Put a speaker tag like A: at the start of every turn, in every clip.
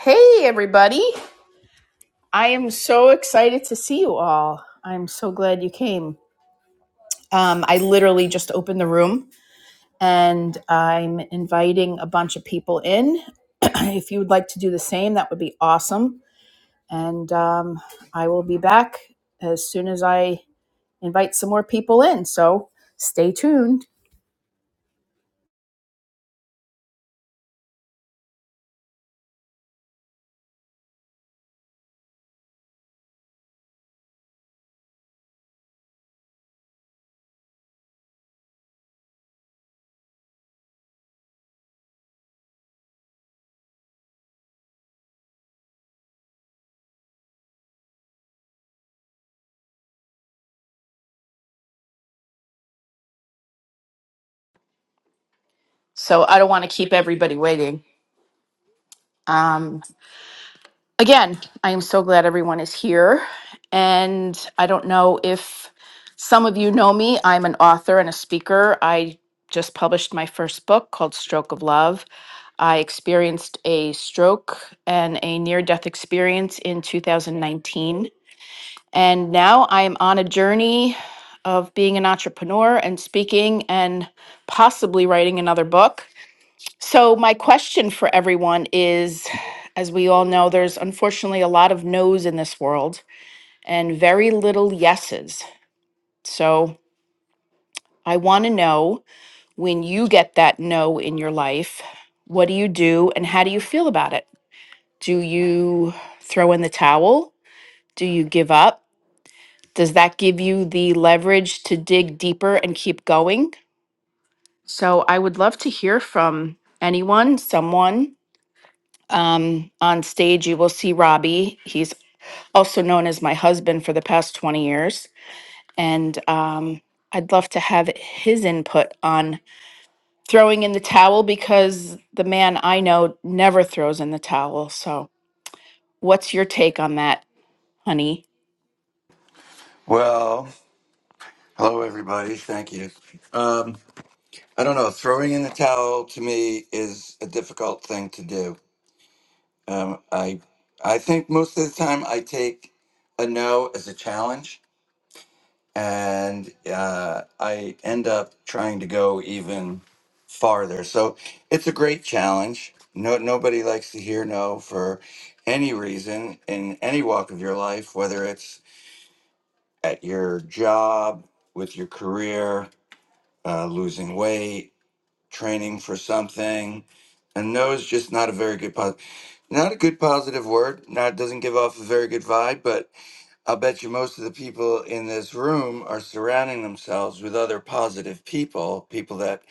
A: Hey, everybody. I am so excited to see you all. I'm so glad you came. Um, I literally just opened the room and I'm inviting a bunch of people in. if you would like to do the same, that would be awesome. And um, I will be back as soon as I invite some more people in. So stay tuned. So I don't want to keep everybody waiting. Um, again, I am so glad everyone is here. And I don't know if some of you know me, I'm an author and a speaker. I just published my first book called Stroke of Love. I experienced a stroke and a near death experience in 2019. And now I am on a journey of being an entrepreneur and speaking and possibly writing another book. So, my question for everyone is as we all know, there's unfortunately a lot of no's in this world and very little yeses. So, I want to know when you get that no in your life, what do you do and how do you feel about it? Do you throw in the towel? Do you give up? Does that give you the leverage to dig deeper and keep going? So, I would love to hear from anyone, someone, Um, on stage, you will see Robbie. He's also known as my husband for the past 20 years. And um, I'd love to have his input on throwing in the towel because the man I know never throws in the towel. So, what's your take on that, honey?
B: Well, hello everybody. Thank you. Um, I don't know. Throwing in the towel to me is a difficult thing to do. Um, I I think most of the time I take a no as a challenge, and uh, I end up trying to go even farther. So it's a great challenge. No, nobody likes to hear no for any reason in any walk of your life, whether it's at your job, with your career, uh, losing weight, training for something. And no is just not a very good positive, not a good positive word. Not doesn't give off a very good vibe. But I'll bet you most of the people in this room are surrounding themselves with other positive people, people that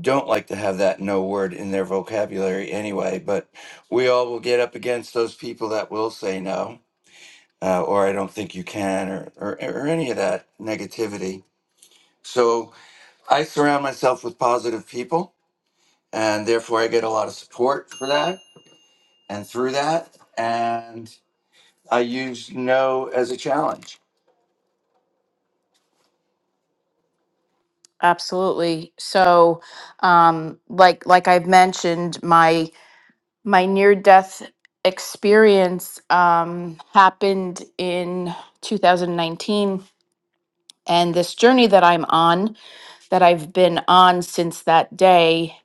B: don't like to have that no word in their vocabulary anyway. But we all will get up against those people that will say no, uh, or I don't think you can, or, or or any of that negativity. So I surround myself with positive people and therefore I get a lot of support for that and through that. And I use no as a challenge.
A: Absolutely. So, um, like like I've mentioned, my my near death experience um, happened in 2019 and this journey that I'm on, that I've been on since that day,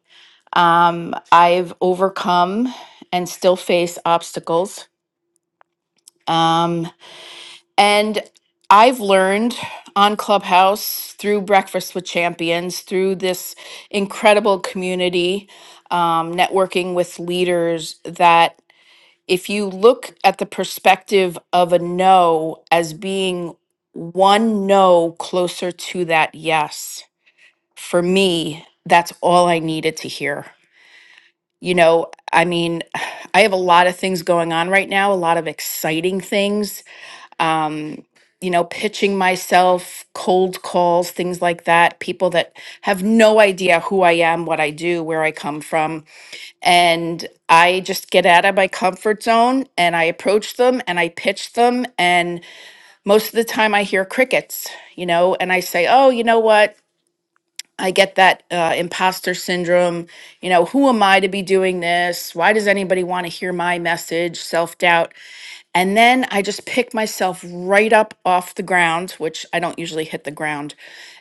A: um, I've overcome and still face obstacles. Um, and I've learned on Clubhouse through Breakfast with Champions, through this incredible community, um, networking with leaders, that if you look at the perspective of a no as being one no closer to that yes, for me, that's all I needed to hear. You know, I mean, I have a lot of things going on right now, a lot of exciting things. Um, you know, pitching myself, cold calls, things like that, people that have no idea who I am, what I do, where I come from. And I just get out of my comfort zone and I approach them and I pitch them. And most of the time I hear crickets, you know, and I say, oh, you know what? I get that uh, imposter syndrome. You know, who am I to be doing this? Why does anybody want to hear my message? Self doubt. And then I just pick myself right up off the ground, which I don't usually hit the ground.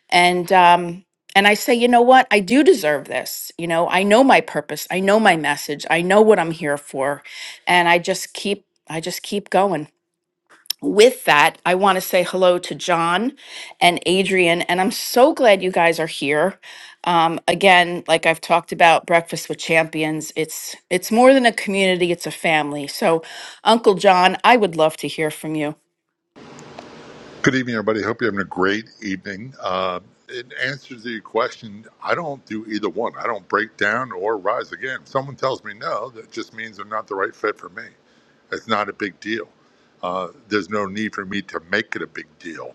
A: And, um, and I say, you know what? I do deserve this. You know, I know my purpose. I know my message. I know what I'm here for. And I just keep, I just keep going with that, I want to say hello to John and Adrian, and I'm so glad you guys are here. Um, again, like I've talked about, Breakfast with Champions, it's it's more than a community; it's a family. So, Uncle John, I would love to hear from you.
C: Good evening, everybody. Hope you're having a great evening. Uh, in answer to your question, I don't do either one. I don't break down or rise again. If someone tells me no, that just means they're not the right fit for me. It's not a big deal. Uh, there's no need for me to make it a big deal.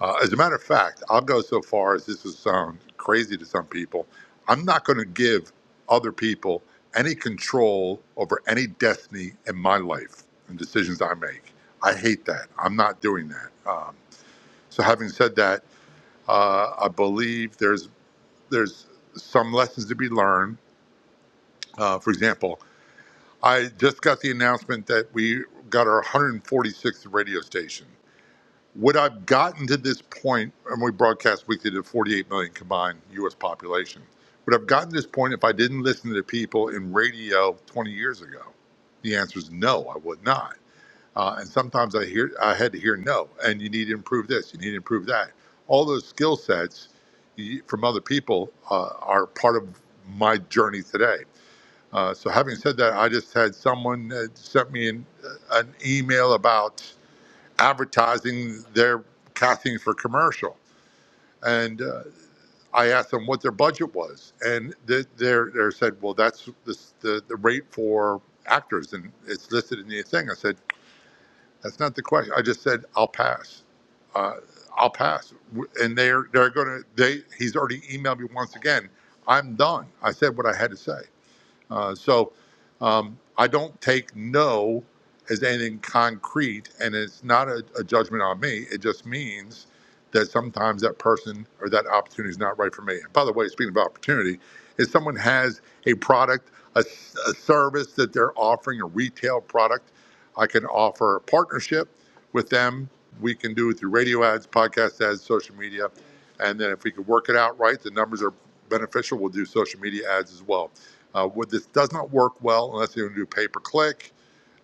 C: Uh, as a matter of fact, I'll go so far as this will sound crazy to some people. I'm not going to give other people any control over any destiny in my life and decisions I make. I hate that. I'm not doing that. Um, so, having said that, uh, I believe there's there's some lessons to be learned. Uh, for example, I just got the announcement that we got our 146th radio station. Would I've gotten to this point, and we broadcast weekly to 48 million combined U.S. population? Would I've gotten to this point if I didn't listen to people in radio 20 years ago? The answer is no, I would not. Uh, and sometimes I hear I had to hear no, and you need to improve this, you need to improve that. All those skill sets you- from other people uh, are part of my journey today. Uh, so, having said that, I just had someone uh, sent me an, uh, an email about advertising their castings for commercial, and uh, I asked them what their budget was, and they they're, they're said, "Well, that's the, the the rate for actors, and it's listed in the thing." I said. That's not the question. I just said I'll pass. Uh, I'll pass, and they're they're going to. They he's already emailed me once again. I'm done. I said what I had to say. Uh, so um, I don't take no as anything concrete, and it's not a, a judgment on me. It just means that sometimes that person or that opportunity is not right for me. And by the way, speaking of opportunity, if someone has a product, a a service that they're offering, a retail product, I can offer a partnership with them. We can do it through radio ads, podcast ads, social media. And then if we could work it out right, the numbers are beneficial, we'll do social media ads as well. Uh, what this does not work well unless you're going to do pay per click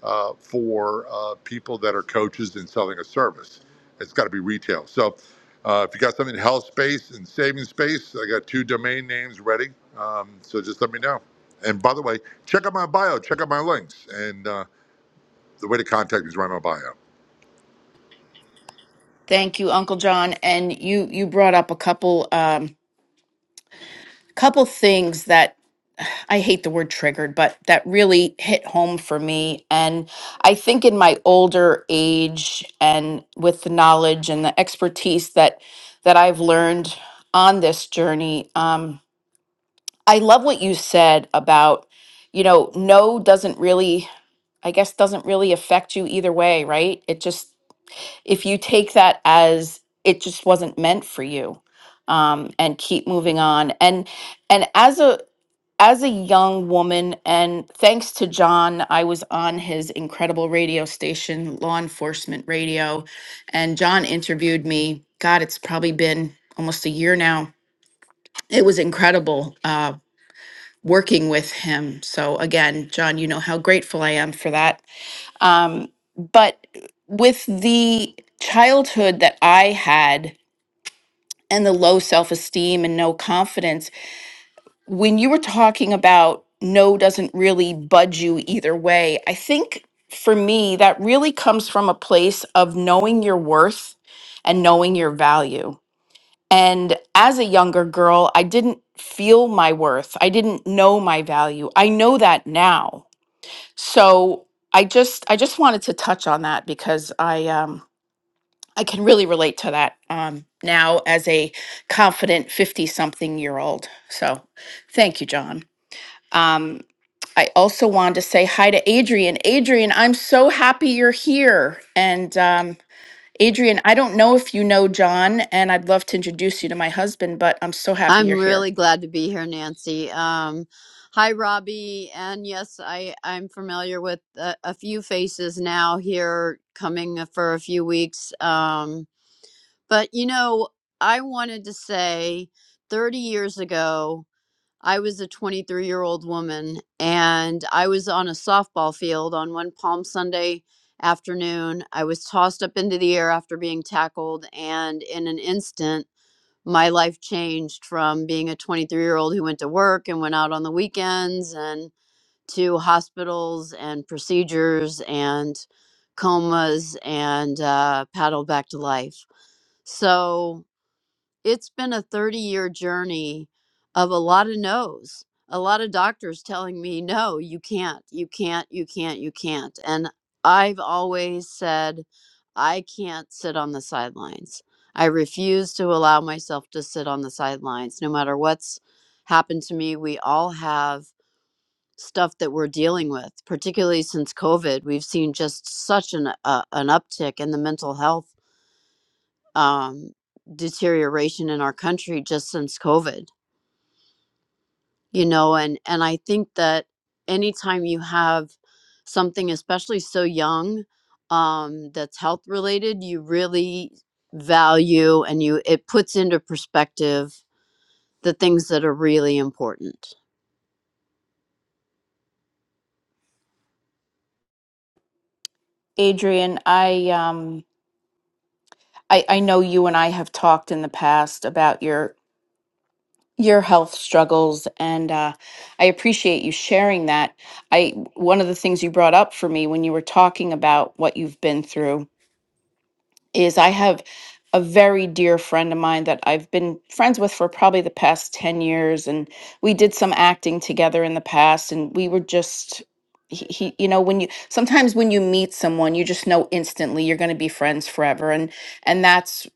C: uh, for uh, people that are coaches and selling a service. It's got to be retail. So uh, if you got something in health space and savings space, I got two domain names ready. Um, so just let me know. And by the way, check out my bio, check out my links, and uh, the way to contact me is right in my bio.
A: Thank you, Uncle John. And you you brought up a couple um, couple things that I hate the word triggered, but that really hit home for me. And I think in my older age and with the knowledge and the expertise that that I've learned on this journey, um, I love what you said about, you know, no doesn't really, I guess, doesn't really affect you either way, right? It just, if you take that as it just wasn't meant for you, um, and keep moving on. And and as a as a young woman, and thanks to John, I was on his incredible radio station, Law Enforcement Radio. And John interviewed me. God, it's probably been almost a year now. It was incredible uh, working with him. So, again, John, you know how grateful I am for that. Um, but with the childhood that I had and the low self esteem and no confidence, when you were talking about no doesn't really budge you either way, I think for me, that really comes from a place of knowing your worth and knowing your value. And as a younger girl, I didn't feel my worth. I didn't know my value. I know that now. So I just I just wanted to touch on that because I um I can really relate to that um now as a confident 50 something year old. So thank you, John. Um, I also wanted to say hi to Adrian. Adrian, I'm so happy you're here. And um, Adrian, I don't know if you know John, and I'd love to introduce you to my husband, but I'm so happy
D: I'm
A: you're here.
D: really glad to be here, Nancy. Um, hi, Robbie. And yes, I, I'm familiar with a, a few faces now here coming for a few weeks. Um, but, you know, I wanted to say 30 years ago, I was a 23 year old woman and I was on a softball field on one Palm Sunday afternoon. I was tossed up into the air after being tackled, and in an instant, my life changed from being a 23 year old who went to work and went out on the weekends and to hospitals and procedures and comas and uh, paddled back to life. So it's been a 30 year journey of a lot of no's a lot of doctors telling me no you can't you can't you can't you can't and i've always said i can't sit on the sidelines i refuse to allow myself to sit on the sidelines no matter what's happened to me we all have stuff that we're dealing with particularly since covid we've seen just such an uh, an uptick in the mental health um, deterioration in our country just since COVID, you know, and and I think that anytime you have something, especially so young, um, that's health related, you really value and you it puts into perspective the things that are really important.
A: Adrian, I um, I, I know you and I have talked in the past about your your health struggles, and uh, I appreciate you sharing that. I one of the things you brought up for me when you were talking about what you've been through is I have a very dear friend of mine that I've been friends with for probably the past 10 years. And we did some acting together in the past. And we were just, he, he you know, when you sometimes when you meet someone, you just know instantly you're going to be friends forever. And, and that's,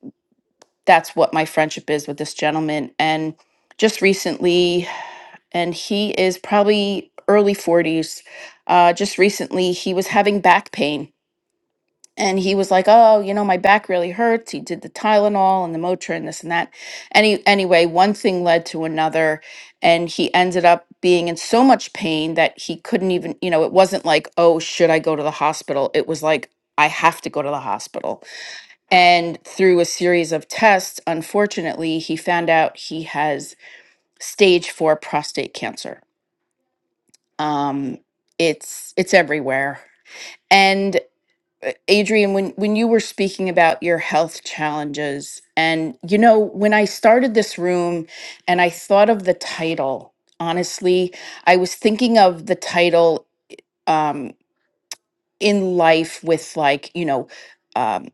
A: that's what my friendship is with this gentleman. And just recently, and he is probably early 40s. Uh, just recently, he was having back pain and he was like, "Oh, you know, my back really hurts." He did the Tylenol and the Motrin, this and that. Any anyway, one thing led to another, and he ended up being in so much pain that he couldn't even. You know, it wasn't like, "Oh, should I go to the hospital?" It was like, "I have to go to the hospital." And through a series of tests, unfortunately, he found out he has stage four prostate cancer. Um, it's it's everywhere, and uh, Adrian, when, when you were speaking about your health challenges, and you know, when I started this room and I thought of the title, honestly, I was thinking of the title um, in life with like, you know, um,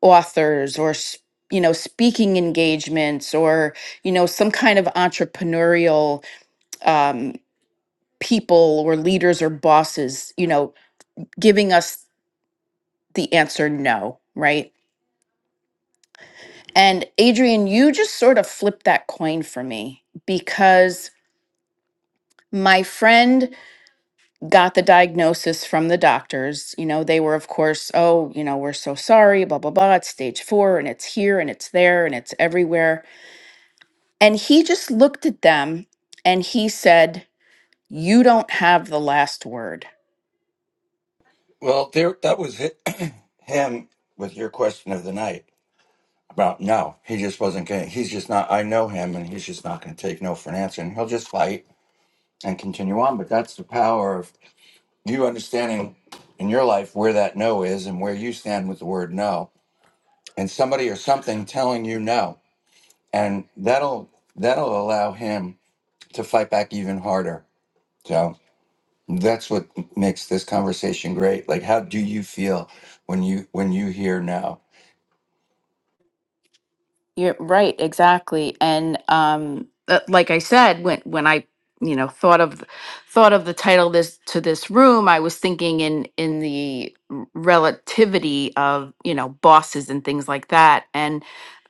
A: authors or, s- you know, speaking engagements or, you know, some kind of entrepreneurial um, people or leaders or bosses, you know, giving us the answer no, right? And Adrian, you just sort of flipped that coin for me because my friend got the diagnosis from the doctors. You know, they were, of course, oh, you know, we're so sorry, blah, blah, blah. It's stage four and it's here and it's there and it's everywhere. And he just looked at them and he said, You don't have the last word.
B: Well, there that was hi him with your question of the night about no. He just wasn't going. He's just not. I know him, and he's just not going to take no for an answer, and he'll just fight and continue on. But that's the power of you understanding in your life where that no is and where you stand with the word no, and somebody or something telling you no, and that'll that'll allow him to fight back even harder. So that's what makes this conversation great. Like, how do you feel when you when you hear now?
A: You're right, exactly. And um uh, like I said, when when I, you know, thought of thought of the title this to this room, I was thinking in in the r- relativity of, you know, bosses and things like that. And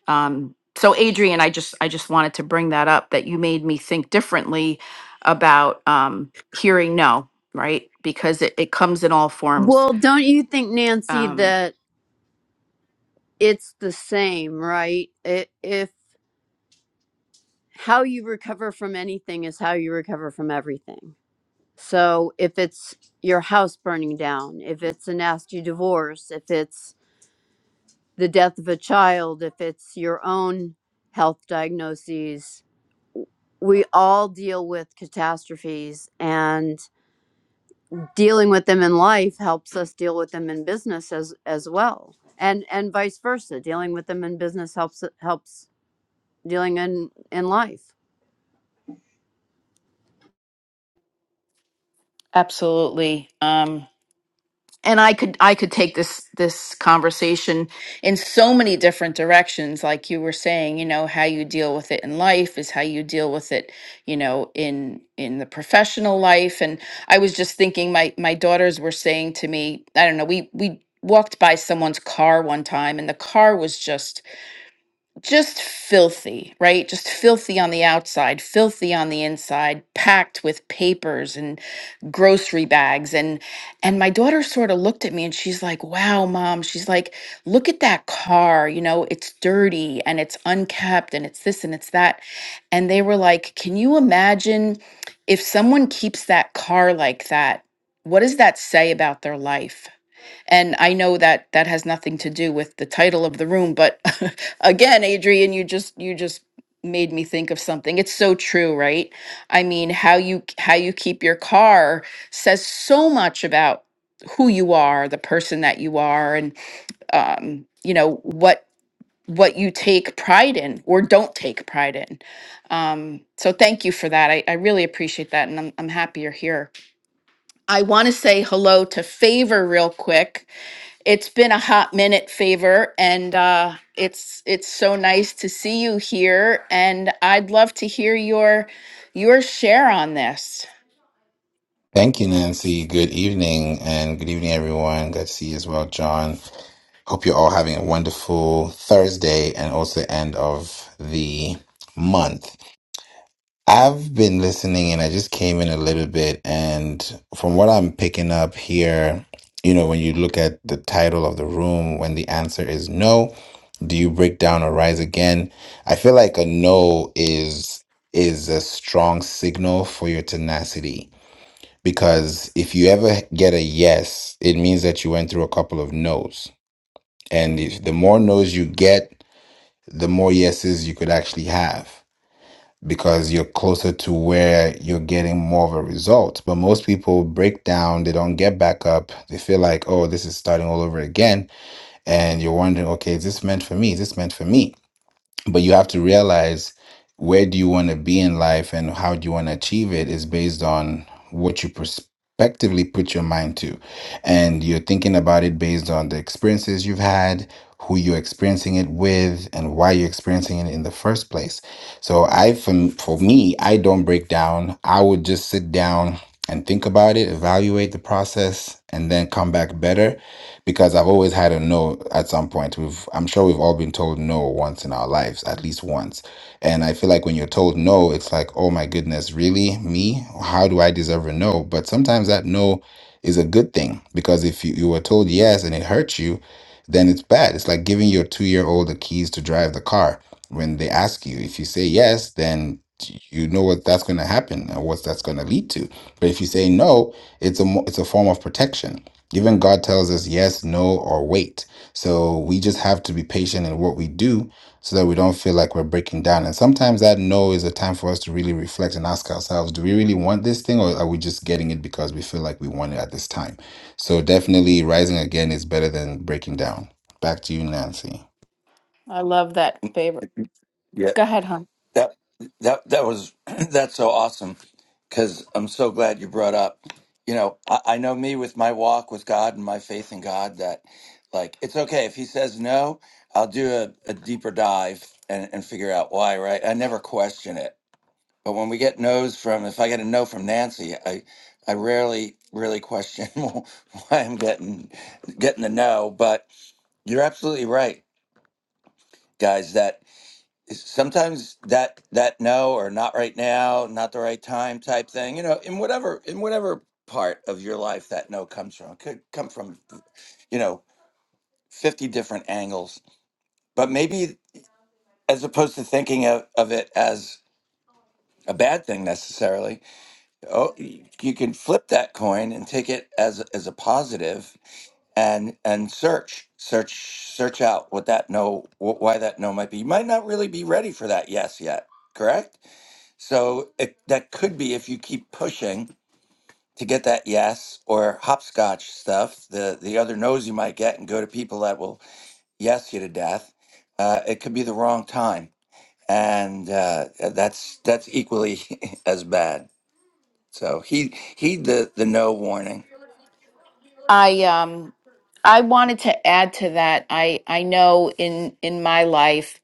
A: um so Adrian, I just I just wanted to bring that up that you made me think differently about um hearing no, right? Because it, it comes in all forms.
D: Well, don't you think, Nancy,
A: Um
D: that it's the same, right? It, if how you recover from anything is how you recover from everything So if it's your house burning down, if it's a nasty divorce, if it's the death of a child, if it's your own health diagnoses, we all deal with catastrophes and dealing with them in life helps us deal with them in business as as well. And and vice versa, dealing with them in business helps helps dealing in in life.
A: absolutely. Um and I could I could take this this conversation in so many different directions like you were saying you know how you deal with it in life is how you deal with it you know in in the professional life and I was just thinking my my daughters were saying to me I don't know we we walked by someone's car one time and the car was just just filthy, right? Just filthy on the outside, filthy on the inside, packed with papers and grocery bags and and my daughter sort of looked at me and she's like, "Wow, mom." She's like, "Look at that car. You know, it's dirty and it's unkept and it's this and it's that." And they were like, "Can you imagine if someone keeps that car like that? What does that say about their life?" And I know that that has nothing to do with the title of the room, but again, Adrian, you just you just made me think of something. It's so true, right? I mean, how you how you keep your car says so much about who you are, the person that you are, and um, you know what what you take pride in or don't take pride in. So thank you for that. I, I really appreciate that, and I'm I'm happy you're here. I want to say hello to Favor real quick. It's been a hot minute, Favor, and uh, it's it's so nice to see you here. And I'd love to hear your your share on this.
E: Thank you, Nancy. Good evening, and good evening, everyone. Good to see you as well, John. Hope you're all having a wonderful Thursday and also end of the month. I've been listening and I just came in a little bit. And from what I'm picking up here, you know, when you look at the title of the room, when the answer is no, do you break down or rise again? I feel like a no is is a strong signal for your tenacity because if you ever get a yes, it means that you went through a couple of no's. And if the more no's you get, the more yeses you could actually have because you're closer to where you're getting more of a result. But most people break down, they don't get back up. They feel like, oh, this is starting all over again. And you're wondering, okay, is this meant for me? Is this meant for me? but you have to realize where do you want to be in life and how do you want to achieve it is based on what you prospectively put your mind to and you're thinking about it based on the experiences you've had who you're experiencing it with and why you're experiencing it in the first place so i for, for me i don't break down i would just sit down and think about it evaluate the process and then come back better because I've always had a no at some point. We've I'm sure we've all been told no once in our lives, at least once. And I feel like when you're told no, it's like, oh my goodness, really? Me? How do I deserve a no? But sometimes that no is a good thing because if you, you were told yes and it hurts you, then it's bad. It's like giving your two year old the keys to drive the car when they ask you. If you say yes, then you know what that's going to happen and what that's going to lead to. But if you say no, it's a mo- it's a form of protection even God tells us yes, no, or wait. So we just have to be patient in what we do so that we don't feel like we're breaking down. And sometimes that no is a time for us to really reflect and ask ourselves, do we really want this thing or are we just getting it because we feel like we want it at this time? So definitely rising again is better than breaking down. Back to you, Nancy.
A: I love that, Favor.
B: Yeah,
A: Go ahead, hon.
B: that that that was that's so awesome because I'm so glad you brought up. You know, I, I know me with my walk with God and my faith in God that like it's okay if He says no, I'll do a, a deeper dive and and figure out why. Right? I never question it But when we get no's from, if I get a no from Nancy, I, I rarely really question why I'm getting getting the no. But you're absolutely right, guys. That is- sometimes that that no or not right now, not the right time type thing. You know, in whatever in whatever part of your life that no comes from, it could come from you know fifty different angles. But maybe as opposed to thinking of, of it as a bad thing necessarily oh y- you can flip that coin and take it as as a positive and and search search search out what that no wh- why that no might be you might not really be ready for that yes yet correct so it, that could be if you keep pushing to get that yes or hopscotch stuff the the other no's you might get and go to people that will yes you to death uh, it could be the wrong time and uh, that's that's equally as bad so he heed the the no warning.
A: I um I wanted to add to that. I I know in in my life,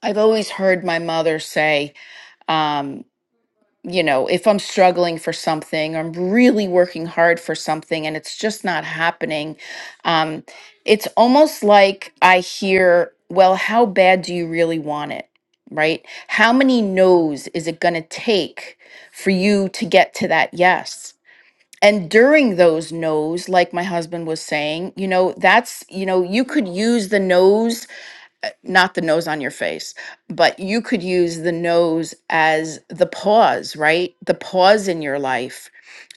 A: I've always heard my mother say. um, you know, if I'm struggling for something, I'm really working hard for something and it's just not happening, um, it's almost like I hear, well, how bad do you really want it? Right? How many no's is it going to take for you to get to that yes? And during those no's, like my husband was saying, you know, that's, you know, you could use the no's not the nose on your face, but you could use the nose as the pause, right? The pause in your life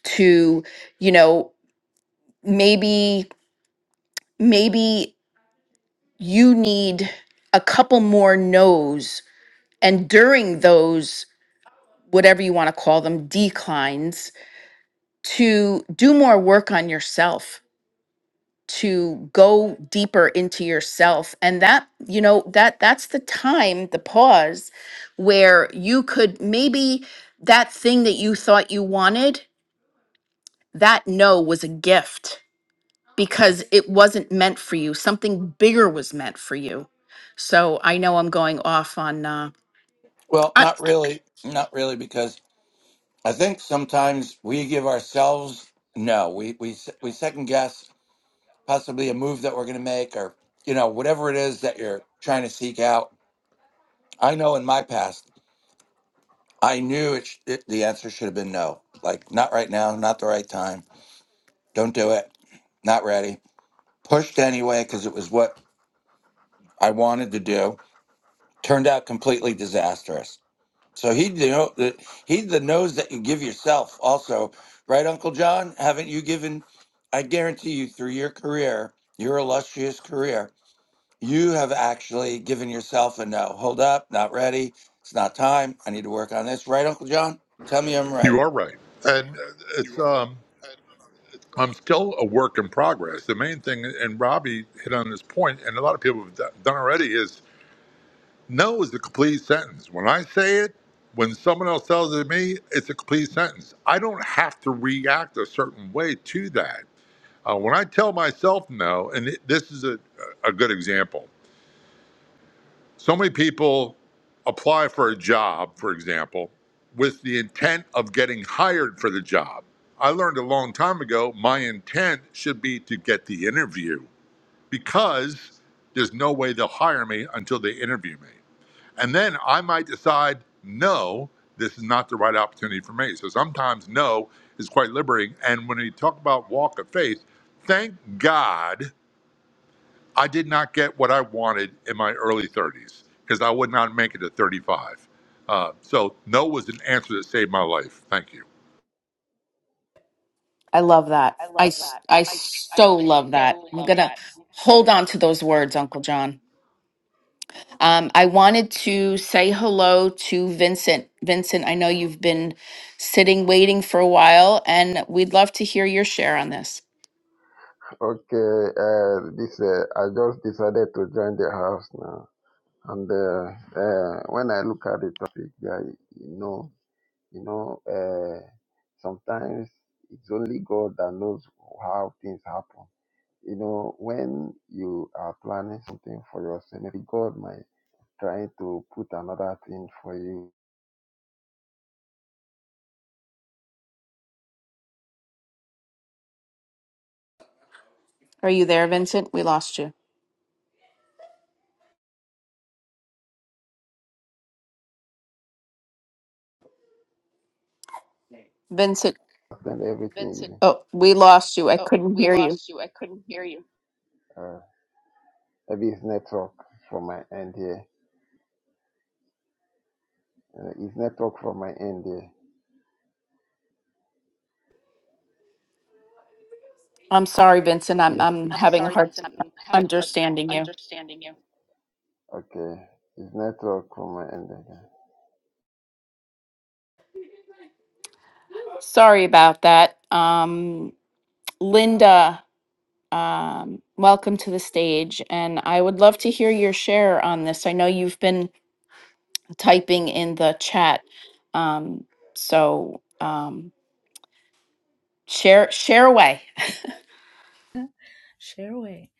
A: to, you know, maybe, maybe you need a couple more no's. And during those, whatever you want to call them, declines, to do more work on yourself to go deeper into yourself and that you know that that's the time the pause where you could maybe that thing that you thought you wanted that no was a gift because it wasn't meant for you something bigger was meant for you so i know i'm going off on uh
B: Well,
A: i,
B: not really, not really, because I think sometimes we give ourselves no. We we se- we second guess possibly a move that we're going to make, or you know whatever it is that you're trying to seek out. I know in my past, I knew it, sh- it the answer should have been no. Like not right now, not the right time. Don't do it. Not ready. Pushed anyway because it was what I wanted to do. Turned out completely disastrous So he, you know, the, he's the nose that you give yourself, also, right, Uncle John? Haven't you given? I guarantee you, through your career, your illustrious career, you have actually given yourself a no. Hold up, not ready. It's not time. I need to work on this, right, Uncle John? Tell me I'm
C: You
B: right.
C: are right, and uh, it's um, I'm still a work in progress. The main thing, and Robbie hit on this point, and a lot of people have done done already is No is a complete sentence. When I say it, when someone else tells it to me, it's a complete sentence. I don't have to react a certain way to that. Uh, when I tell myself no, and it, this is a, a good example, so many people apply for a job, for example, with the intent of getting hired for the job. I learned a long time ago my intent should be to get the interview because there's no way they'll hire me until they interview me. And then I might decide, no, this is not the right opportunity for me. So sometimes no is quite liberating. And when we talk about walk of faith, thank God I did not get what I wanted in my early 30s because I would not make it to 35. Uh, so no was an answer that saved my life. Thank you.
A: I love that
F: I
A: i
F: love
A: s-
F: that.
A: i
F: I I
A: so love that
F: so
A: i'm
F: love
A: gonna
F: that.
A: hold on to those words uncle john Um, I wanted to say hello to Vincent. Vincent, I know you've been sitting waiting for a while, and we'd love to hear your share on this.
F: Okay, uh, this uh, I just decided to join the house now, and uh, uh, when I look at the topic, yeah, you know, you know, uh, sometimes it's only God that knows how things happen. You know, when you are planning something for yourself, maybe God might try to put another thing for you,
A: Are you there, Vincent? We lost you. Vincent,
F: and everything. Vincent,
A: oh, we lost you. I
F: oh,
A: couldn't
F: we
A: hear you.
F: lost you. I couldn't hear you. Uh, Maybe it's network from my end here. Uh, it's network from my end here.
A: I'm sorry, Vincent. I'm
F: It's it's,
A: I'm
F: I'm
A: having a
F: sorry,
A: hard
F: Vincent. I'm having a hard time
A: understanding you.
F: understanding you. okay. It's network from my end. again.
A: Sorry about that. Um, Linda, um, welcome to the stage, and I would love to hear your share on this. I know you've been typing in the chat. Um, so um, share share away.
G: Share away.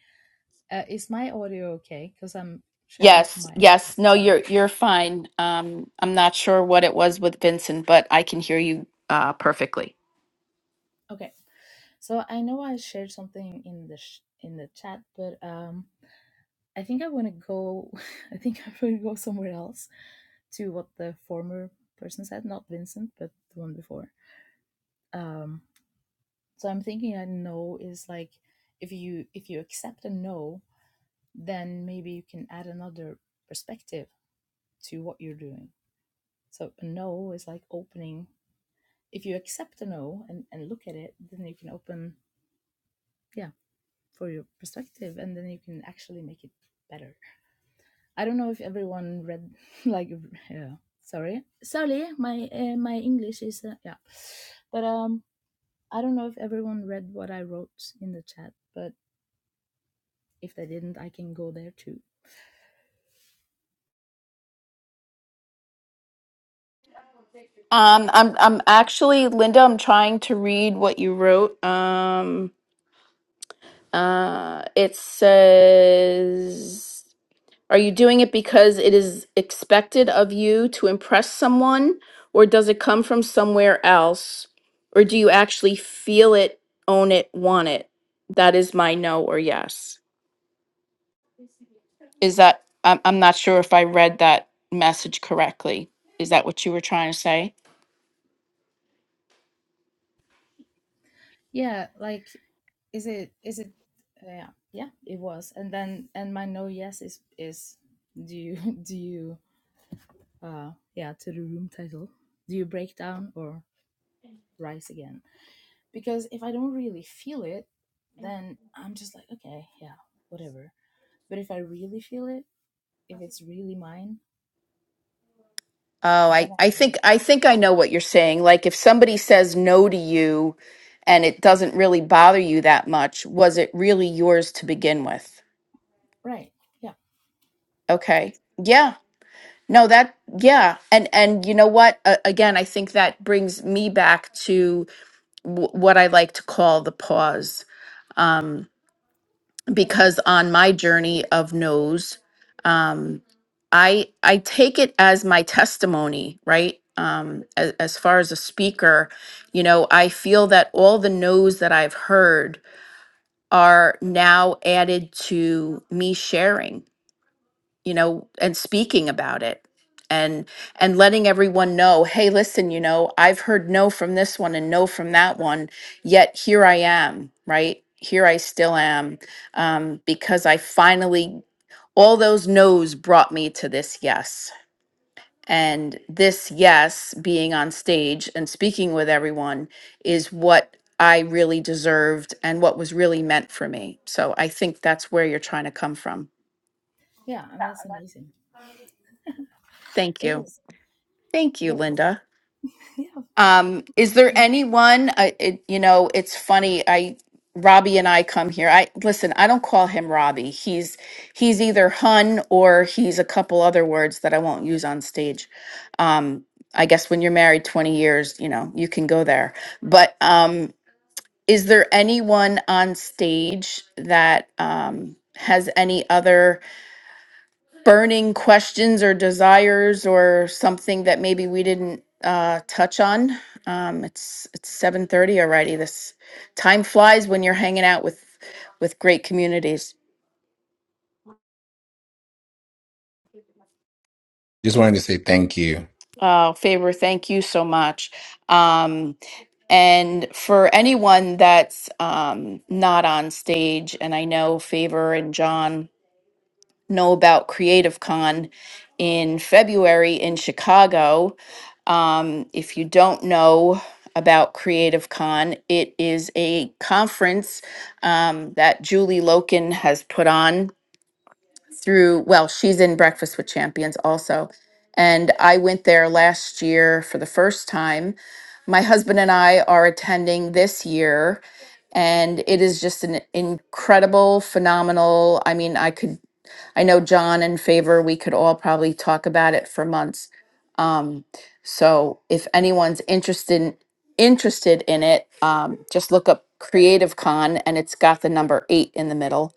G: Uh, is my audio okay? Because I'm sharing from
A: yes,
G: my iPad.
A: yes. No,
G: So
A: you're you're fine. Um, I'm not sure what it was with Vincent, but I can hear you uh, perfectly.
G: okay. So I know I shared something in the sh- in the chat, but um, I think I want to go. I think I'm going to go somewhere else to what the former person said, not Vincent, but the one before. Um, so I'm thinking a no is like if you if you accept a no, then maybe you can add another perspective to what you're doing. So a no is like opening if you accept a no and, and look at it, then you can open, yeah, for your perspective and then you can actually make it better. I don't know if everyone read, like, yeah, sorry. Sorry, my, uh, my English is, uh, yeah. But um, I don't know if everyone read what I wrote in the chat, but if they didn't, I can go there too.
A: Um, I'm I'm actually Linda. I'm trying to read what you wrote. Um, uh, it says. Are you doing it because it is expected of you to impress someone, or does it come from somewhere else? Or do you actually feel it, own it, want it? That is my no or yes. Is that, I'm, I'm not sure if I read that message correctly. Is that what you were trying to say?
G: Yeah, like, is it, is it, uh, yeah, yeah, it was. And then, and my no yes is, is, do you, do you, uh yeah to the room title do you break down or rise again because if i don't really feel it then i'm just like okay yeah whatever but if i really feel it if it's really mine
A: Oh,
G: then
A: I,
G: i
A: I
G: will
A: think I think I know what you're saying. Like if somebody says no to you and it doesn't really bother you that much, was it really yours to begin with?
G: right yeah
A: Okay. Yeah, No, that yeah, and and you know what? Uh, again, I think that brings me back to w- what I like to call the pause, um, because on my journey of no's, um, I I take it as my testimony, right? Um, as, as far as a speaker, you know, I feel that all the no's that I've heard are now added to me sharing you know and speaking about it and and letting everyone know hey listen you know i've heard no from this one and no from that one yet here i am right here i still am um, because i finally all those no's brought me to this yes and this yes being on stage and speaking with everyone is what i really deserved and what was really meant for me so i think that's where you're trying to come from
G: yeah and that's amazing
A: thank
G: it
A: you
G: is
A: thank you
G: but
A: linda
G: yeah
A: Um,
G: you're
A: is
G: welcome.
A: there anyone? Uh, it, you know, it's funny. I Robbie and I come here. I listen. I don't call him Robbie. He's he's either Hun or he's a couple other words that I won't use on stage. Um, I guess when you're married 20 years, you know, you can go there. But um, is there anyone on stage that um, has any other? burning questions or desires or something that maybe we didn't uh, touch on. Um, it's it's seven thirty already. This time flies when you're hanging out with with great communities.
E: Just wanted to say thank you.
A: Uh, favor, thank you so much. Um, and for anyone that's um, not on stage, and I know Favor and John know about Creative Con in February in Chicago. Um, if you don't know about Creative Con, it is a conference um, that Julie Loken has put on through, well, she's in Breakfast with Champions also. And I went there last year for the first time. My husband and I are attending this year and it is just an incredible phenomenal i mean i could I know John and Favor, we could all probably talk about it for months. Um, so if anyone's interested in, interested in it, um, just look up Creative Con and it's got the number eight in the middle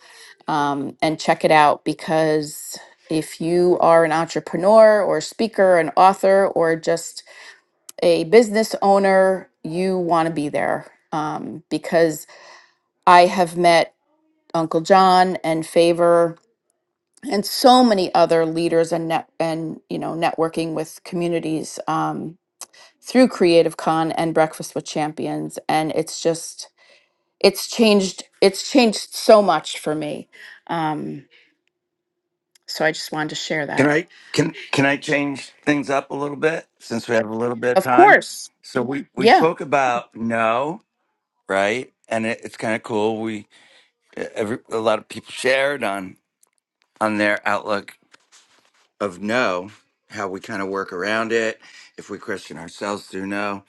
A: um, and check it out because if you are an entrepreneur or speaker, an author, or just a business owner, you want to be there um, because I have met Uncle John and Favor and so many other leaders and net and you know networking with communities um, through creative con and breakfast with champions and it's just it's changed it's changed so much for me um, so i just wanted to share
B: Can
A: that
B: I can can I change things up a little bit since we have a little bit of
A: of
B: time?
A: course
B: So we we
A: yeah
B: spoke about no, right? And it, it's kind of cool. We every a lot of people shared on. on their outlook of no, how we kind of work around it, if we question ourselves through no,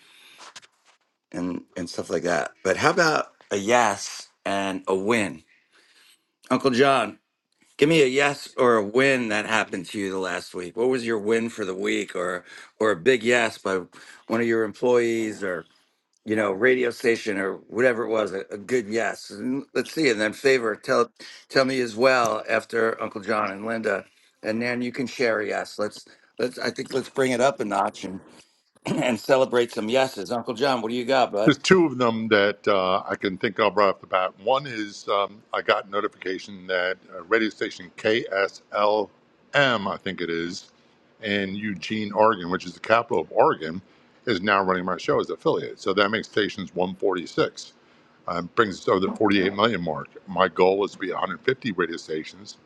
B: and and stuff like that. But how about a yes and a win, Uncle John? Give me a yes or a win that happened to you the last week. What was your win for the week, or or a big yes by one of your employees, or you know, radio station or whatever it was, a, a good yes. And let's see. And then favor, tell tell me as well after Uncle John and Linda. And then you can share a yes. Let's let's I think let's bring it up a notch and and celebrate some yeses. Uncle John, what do you got, bud?
C: There's two of them that uh, I can think of right off the bat. One is um, I got notification that uh, radio station KSLM, I think it is, in Eugene, Oregon, which is the capital of Oregon, is now running my show as affiliate. So that makes stations 146. Um, brings us over the 48 million mark. My goal is to be 150 radio stations.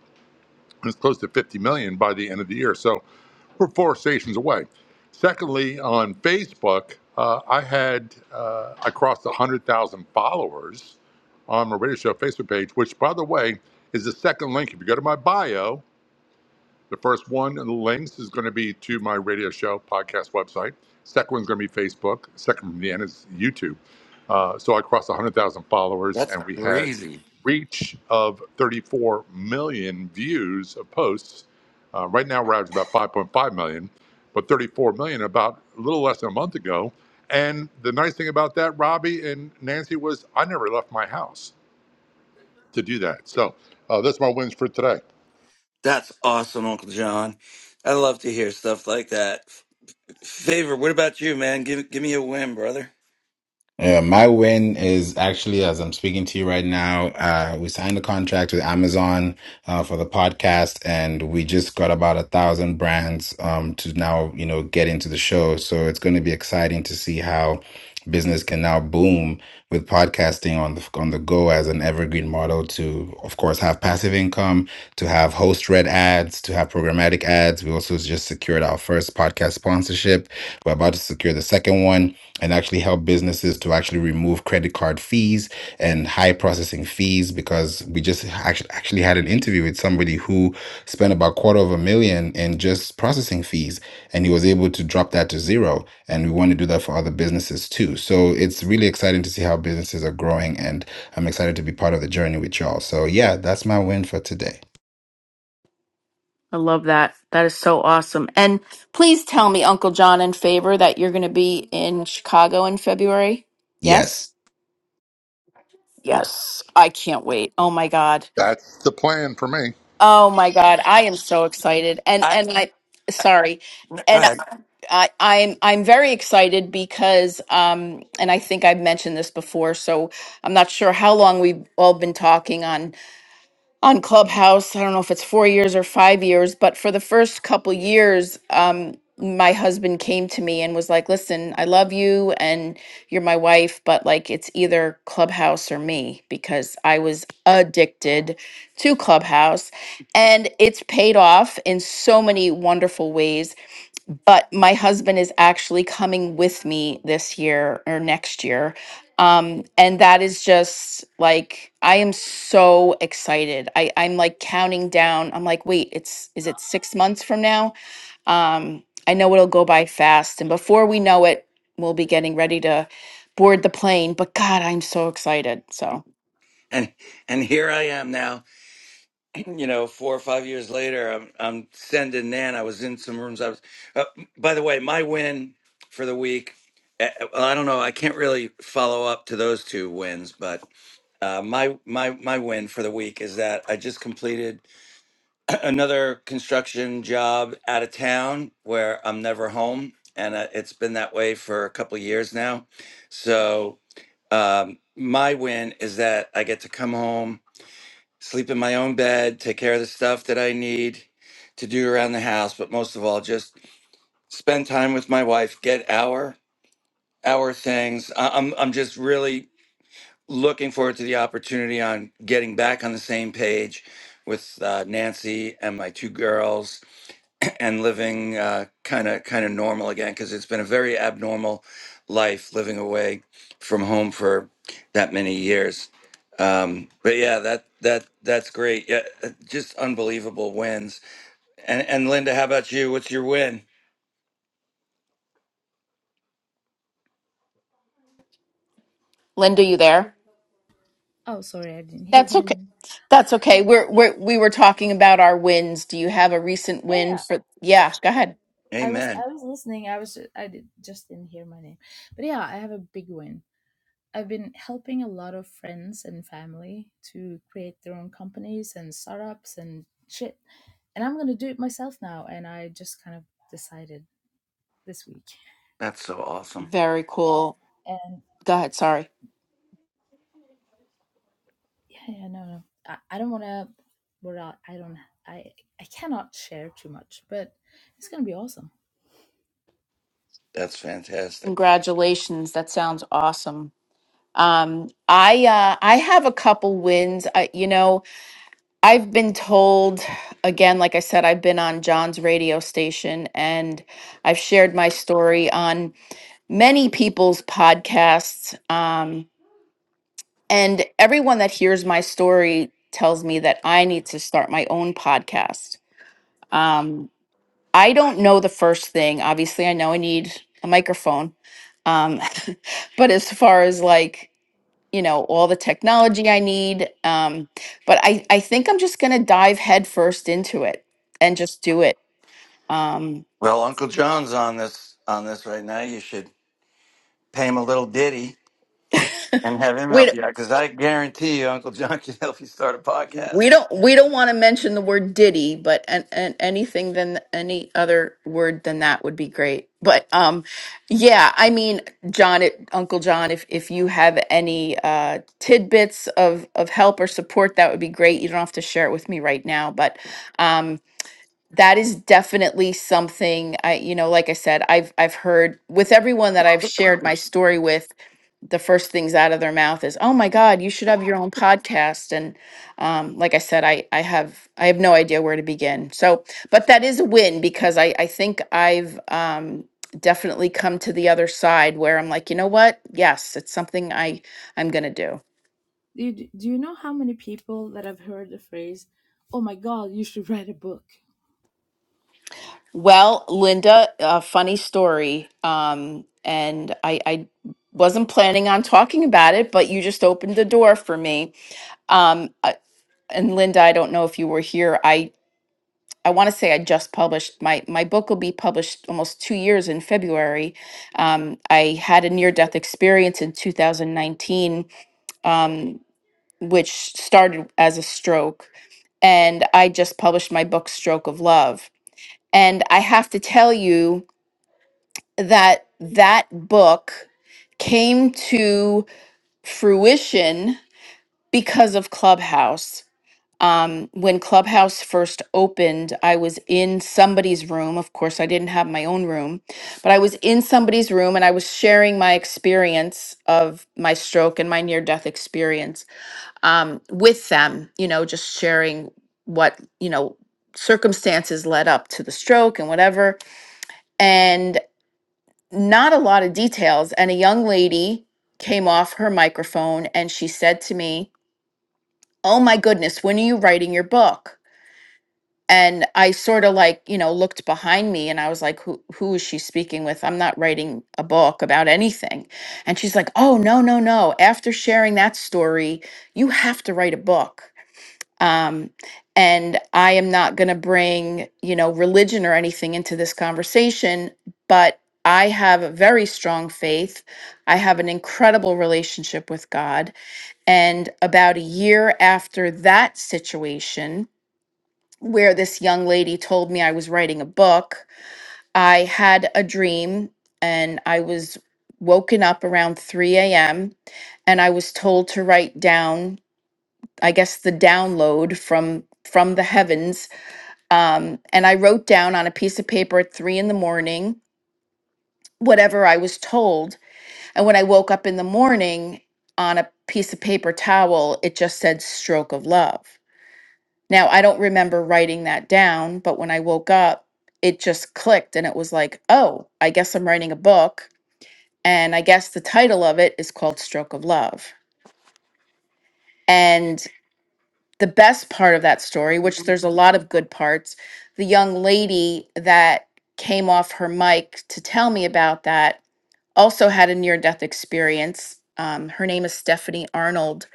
C: and It's close to 50 million by the end of the year. So we're four stations away. Secondly, on Facebook, uh, I had uh, I crossed one hundred thousand followers on my radio show Facebook page, which, by the way, is the second link. If you go to my bio, the first one and the links is going to be to my radio show podcast website. Second one's going to be Facebook. Second from the end is YouTube. Uh, so I crossed 100,000 followers
B: That's
C: and we had
B: crazy.
C: reach of 34 million views of posts. Uh, right now we're averaging about 5.5 million, but 34 million about a little less than a month ago. And the nice thing about that, Robbie and Nancy, was I never left my house to do that. So uh, that's my wins for today.
B: That's awesome, Uncle John. I love to hear stuff like that. Favor, what about you, man? Give give me a win, brother.
E: Yeah, my win is actually as I'm speaking to you right now. Uh, we signed a contract with Amazon uh, for the podcast, and we just got about a thousand brands um, to now, you know, get into the show. So it's going to be exciting to see how business can now boom with podcasting on the on the go as an evergreen model to, of course, have passive income, to have host read ads, to have programmatic ads. We also just secured our first podcast sponsorship. We're about to secure the second one and actually help businesses to actually remove credit card fees and high processing fees because we just actually actually had an interview with somebody who spent about quarter of a million in just processing fees and he was able to drop that to zero and we want to do that for other businesses too so it's really exciting to see how businesses are growing and i'm excited to be part of the journey with y'all so yeah that's my win for today
A: i love that that is so awesome and please tell me uncle john in favor that you're going to be in chicago in february yes
E: yes
A: Yes. i can't wait oh my god
C: That's the plan for me.
A: Oh my God, I am so excited. And
B: I
A: and I sorry.
B: go
A: And
B: ahead.
A: I, I'm I'm very excited because um and I think I've mentioned this before, so I'm not sure how long we've all been talking on on Clubhouse. I don't know if it's four years or five years, but for the first couple years, um, my husband came to me and was like, "Listen, I love you and you're my wife, but like it's either Clubhouse or me because I was addicted to Clubhouse, and it's paid off in so many wonderful ways but my husband is actually coming with me this year or next year. Um, and that is just like I am so excited. I, I'm like counting down. I'm like, wait, it's is it six months from now? Um, I know it'll go by fast, and before we know it, we'll be getting ready to board the plane. But God, I'm so excited. So,
B: And and here I am now you know, four or five years later, I'm I'm sending Nan. I was in some rooms. I was, uh, by the way, my win for the week. Uh, well, I don't know. I can't really follow up to those two wins, but uh, my my my win for the week is that I just completed another construction job out of town where I'm never home, and uh, it's been that way for a couple of years now. So um, my win is that I get to come home sleep in my own bed, take care of the stuff that I need to do around the house, but most of all, just spend time with my wife, get our our things. I- I'm I'm just really looking forward to the opportunity on getting back on the same page with uh, Nancy and my two girls and living kind of kind of normal again because it's been a very abnormal life living away from home for that many years. Um, but yeah, that that that's great. Yeah, uh, just unbelievable wins. And and Linda, how about you? What's your win?
A: Linda, you there?
G: oh sorry i didn't hear
A: That's
G: my
A: okay.
G: name
A: That's okay. We're, we're we were talking about our wins. Do you have a recent
G: yeah
A: win
G: yeah
A: for?
G: Sh-
A: Yeah, go
G: sorry.
A: ahead.
G: i was
B: Amen.
G: i was listening i was ju- i did, just didn't hear my name but yeah i have a big win I've been helping a lot of friends and family to create their own companies and startups and shit. And I'm gonna do it myself now. And I just kind of decided this week.
B: That's so awesome.
A: Very cool.
G: And
A: Go ahead, sorry.
G: yeah, yeah, no, no, I, I don't want to. What I I don't. I I cannot share too much, but it's gonna be awesome.
B: That's fantastic.
A: Congratulations. That sounds awesome. Um I uh I have a couple wins. I you know, I've been told again like I said I've been on John's radio station and I've shared my story on many people's podcasts um and everyone that hears my story tells me that I need to start my own podcast. Um, I don't know the first thing. Obviously, I know I need a microphone. Um, but as far as like, you know, all the technology I need, um, but I, I think I'm just going to dive headfirst into it and just do it. Um,
B: Well, Uncle John's on this on this right now. You should pay him a little ditty and have him
A: Wait,
B: help you out because I guarantee you, Uncle John can help you start a
A: we
B: podcast.
A: don't we don't want to mention the word diddy but and, and anything than any other word than that would be great but um yeah i mean john it, uncle john if if you have any uh tidbits of of help or support that would be great you don't have to share it with me right now but um that is definitely something I, you know, like I said, I've I've heard with everyone that I've shared my story with, the first things out of their mouth is, "Oh my God, you should have your own podcast." And um, like I said, I I have I have no idea where to begin. So, but that is a win because I I think I've um, definitely come to the other side where I'm like, you know what? Yes, it's something I I'm gonna do.
G: Do you, do you know how many people that have heard the phrase, "Oh my God, you should write a book"?
A: Well, Linda, a funny story. Um, and I, I wasn't planning on talking about it, but you just opened the door for me. Um, I- and Linda, I don't know if you were here. I, I want to say I just published my my book will be published almost two years in February. Um, I had a near death experience in 2019, um, which started as a stroke, and I just published my book, Stroke of Love. And I have to tell you. that that book came to fruition because of Clubhouse. Um, when Clubhouse first opened, I was in somebody's room. Of course, I didn't have my own room, but I was in somebody's room and I was sharing my experience of my stroke and my near death experience um, with them, you know, just sharing what, you know, circumstances led up to the stroke and whatever not a lot of details. And a young lady came off her microphone and she said to me, Oh my goodness, when are you writing your book? And I sort of like, you know, looked behind me and I was like, who, who is she speaking with? I'm not writing a book about anything. And she's like, oh, no, no, no. After sharing that story, you have to write a book um, and i am not going to bring you know religion or anything into this conversation but i have a very strong faith i have an incredible relationship with god and about a year after that situation where this young lady told me i was writing a book i had a dream and i was woken up around 3 a.m and i was told to write down i guess the download from from the heavens um, and I wrote down on a piece of paper at three in the morning whatever I was told. And when I woke up in the morning on a piece of paper towel, it just said stroke of love. Now, I don't remember writing that down, but when I woke up, it just clicked and it was like, oh, I guess I'm writing a book. And I guess the title of it is called Stroke of Love. And the best part of that story, which there's a lot of good parts, the young lady that came off her mic to tell me about that also had a near death experience. Um, her name is Stephanie Arnold.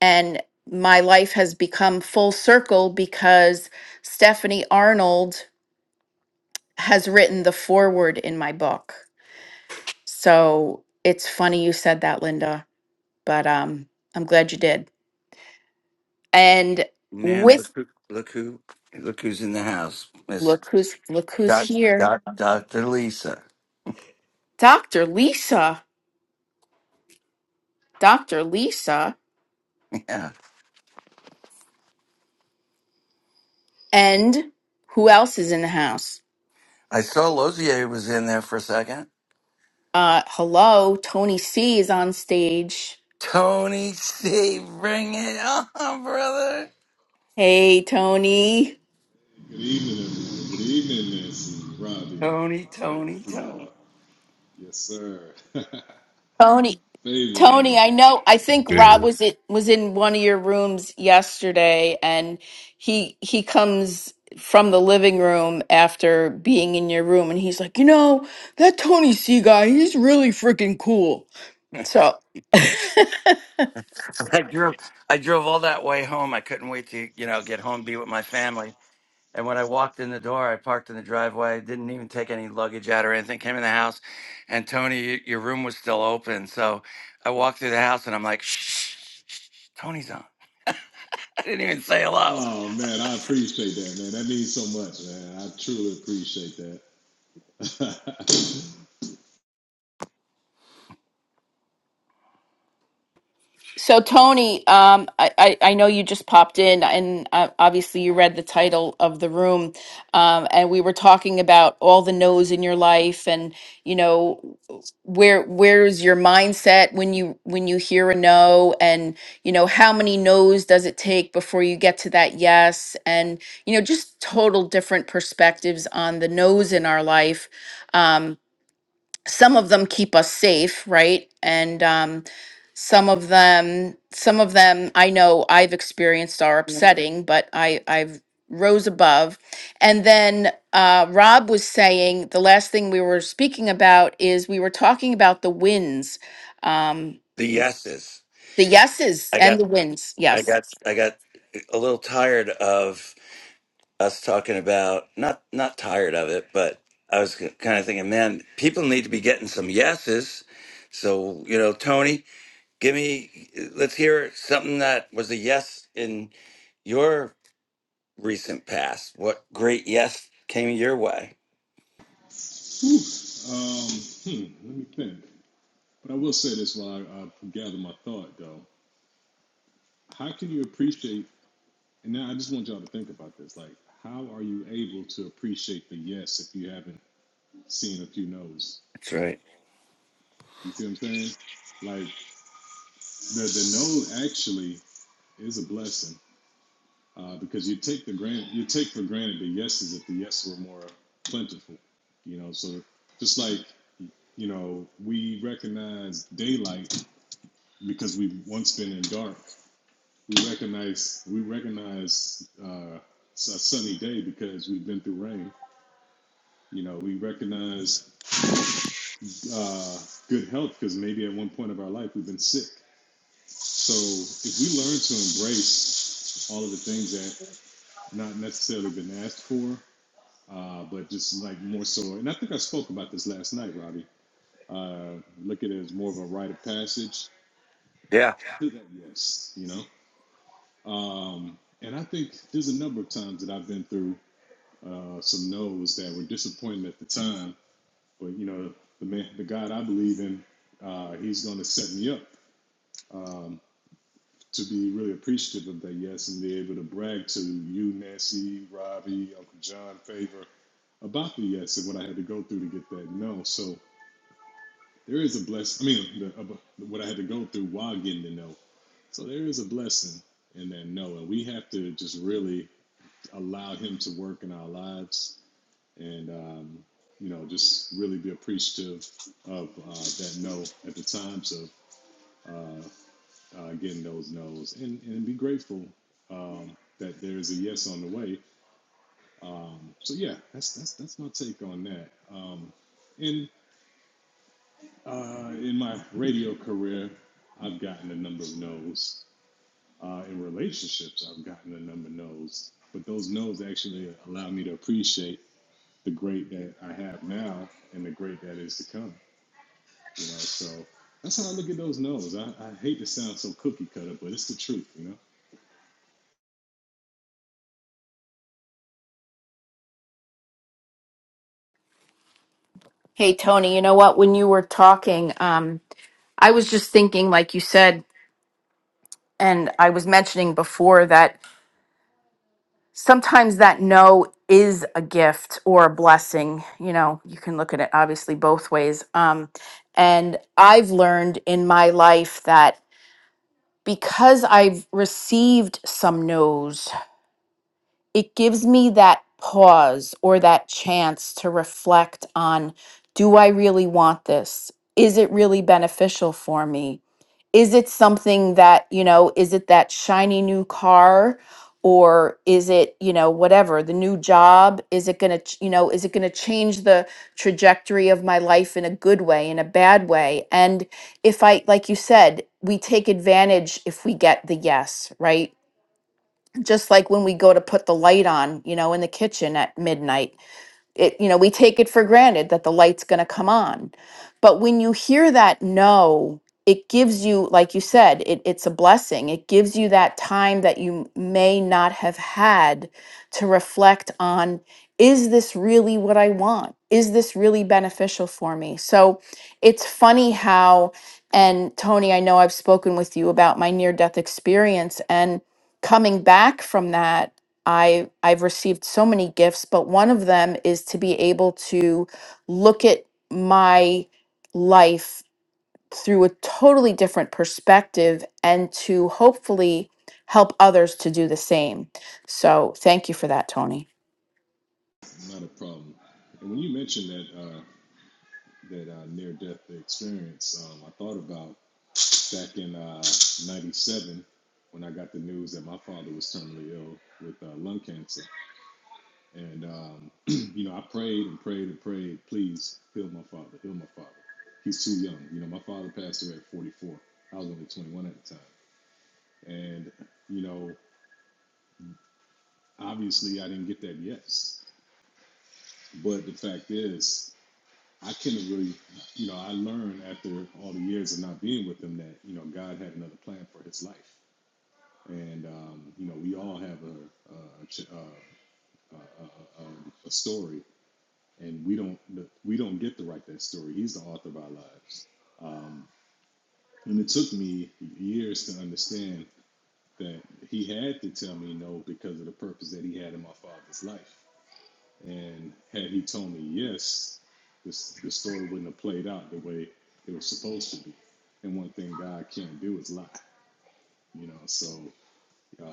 A: And my life has become full circle because Stephanie Arnold has written the foreword in my book. So it's funny you said that, Linda, but um, I'm glad you did. And
B: Nan, look
A: with
B: who, look who, look who's in the house, Miss
A: look who's look who's
B: Doc,
A: here.
B: Doc, Doctor Lisa.
A: Dr. Lisa, Dr. Lisa,
B: Yeah,
A: and who else is in the house?
B: I saw Lozier was in there for a second.
A: Uh, hello, Tony C is on stage.
B: Tony, Steve, bring it on, brother.
A: Hey, Tony.
B: Tony, Tony, Tony.
A: Tony, Tony, I know. I think Rob
E: good
A: was it was in one of your rooms yesterday, and he he comes from the living room after being in your room, and he's like, you know, that Tony C guy, he's really freaking cool. So.
B: I drove, I drove all that way home. I couldn't wait to, you know, get home, be with my family. And when I walked in the door, I parked in the driveway, didn't even take any luggage out or anything, came in the house, and Tony, y- your room was still open. So I walked through the house and I'm like, shh, shh, shh, shh, Tony's on. I didn't even say hello.
A: So Tony, um, I, I I know you just popped in, and uh, obviously you read the title of the room, um, and we were talking about all the no's in your life, and you know where where's your mindset when you when you hear a no, and you know how many no's does it take before you get to that yes, and you know just total different perspectives on the no's in our life. Um, some of them keep us safe right and um, some of them some of them i know i've experienced are upsetting but i i've rose above and then uh, rob was saying the last thing we were speaking about is we were talking about the wins um,
B: The yeses.
A: the yeses
B: I got,
A: and the wins
B: I
A: yes
B: got, I got a little tired of us talking about, not, not tired of it, but I was kind of thinking, man, people need to be getting some yeses. So, you know, Tony, Give me, let's hear something that was a yes in your recent past. What great yes came your way? That's right. Yeah.
A: hey tony you know what when you were talking um, i was just thinking like you said and i was mentioning before that sometimes that no is a gift or a blessing you know you can look at it obviously both ways um and i've learned in my life that because i've received some no's it gives me that pause or that chance to reflect on do i really want this is it really beneficial for me is it something that you know is it that shiny new car or is it you know whatever the new job is it going to you know is it going to change the trajectory of my life in a good way in a bad way and if i like you said we take advantage if we get the yes right just like when we go to put the light on you know in the kitchen at midnight it you know we take it for granted that the light's going to come on but when you hear that no it gives you like you said it, it's a blessing it gives you that time that you may not have had to reflect on is this really what i want is this really beneficial for me so it's funny how and tony i know i've spoken with you about my near death experience and coming back from that I I've received so many gifts, but one of them is to be able to look at my life through a totally different perspective and to hopefully help others to do the same. So, thank you for that, Tony.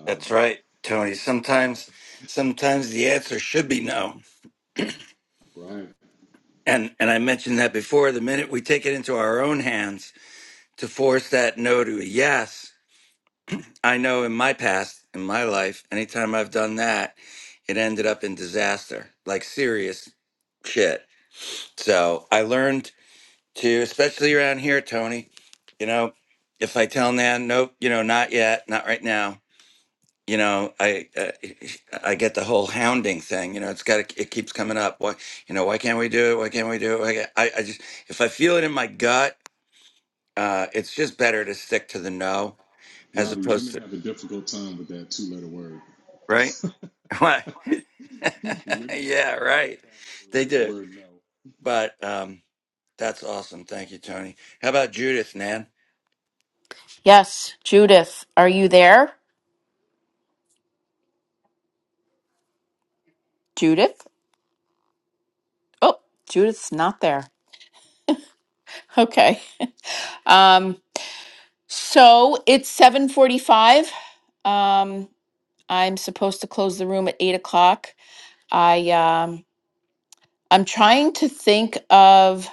B: That's right, Tony. Sometimes, sometimes the answer should be no. And, and I mentioned that before. The minute we take it into our own hands to force that no to a yes, I know in my past, in my life, anytime I've done that, it ended up in disaster, like serious shit. So I learned too, especially around here, Tony. You know, if I tell Nan, nope, you know, not yet, not right now. You know, I uh, I get the whole hounding thing. You know, it's got to, it keeps coming up. Why, you know, why can't we do it? Why can't we do it? Why can't, I I just if I feel it in my gut, uh, it's just better to stick to the no as opposed to right. Why? yeah, right. They do, but um, that's awesome. Thank you, Tony. How about Judith, Nan?
A: Yes, Judith, are you there? Judith? Oh, Judith's not there. Okay. Um, so it's seven forty-five. Um, I'm supposed to close the room at eight o'clock. I um, I'm trying to think of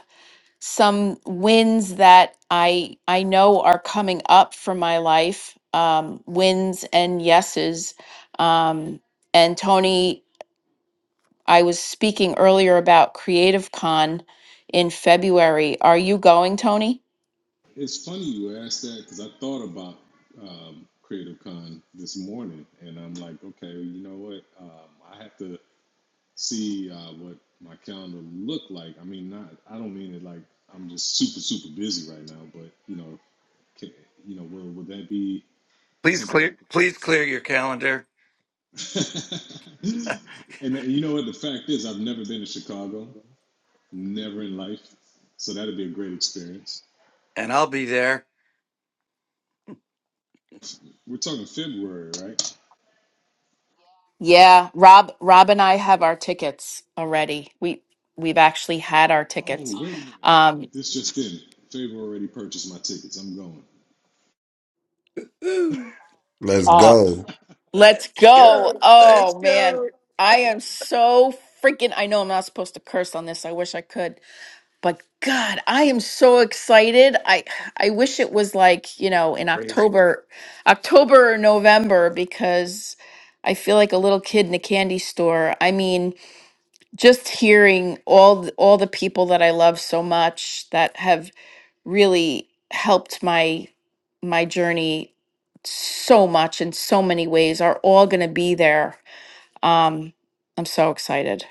A: some wins that I I know are coming up for my life. Um, wins and yeses. Um, and Tony, I was speaking earlier about Creative Con in February. Are you going, Tony?
B: Please clear, please clear your calendar. and I'll be there.
A: Yeah, Rob Rob and I have our tickets already. We we've actually had our tickets. Um
B: Woo.
E: let's
A: oh,
E: go
A: let's
B: Let's
A: go.
B: go. Let's
A: Oh man,
B: go.
A: I am so freaking I know I'm not supposed to curse on this. I wish I could. But God, I am so excited. I I wish it was like, you know, in October, October or November because I feel like a little kid in a candy store. I mean, just hearing all th- all the people that I love so much that have really helped my my journey so much in so many ways are all going to be there. Um I'm so excited.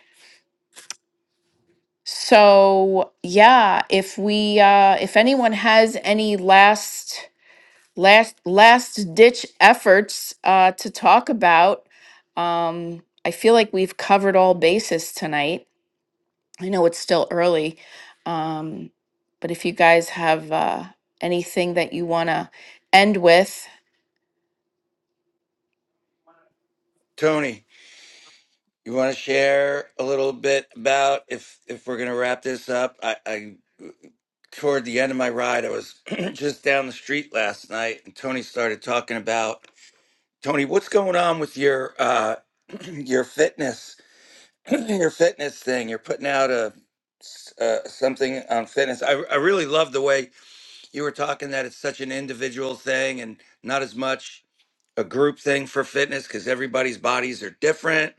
A: So, yeah, if we uh if anyone has any last last last ditch efforts uh to talk about um I feel like we've covered all bases tonight. I know it's still early, um, but if you guys have uh, anything that you want to end with,
B: Tony, you want to share a little bit about if if we're gonna wrap this up? I, I toward the end of my ride, I was just down the street last night, and Tony started talking about Tony. What's going on with your uh, your fitness? your fitness thing. You're putting out a s- uh, something on fitness. I I really love the way you were talking that it's such an individual thing and not as much a group thing for fitness because everybody's bodies are different,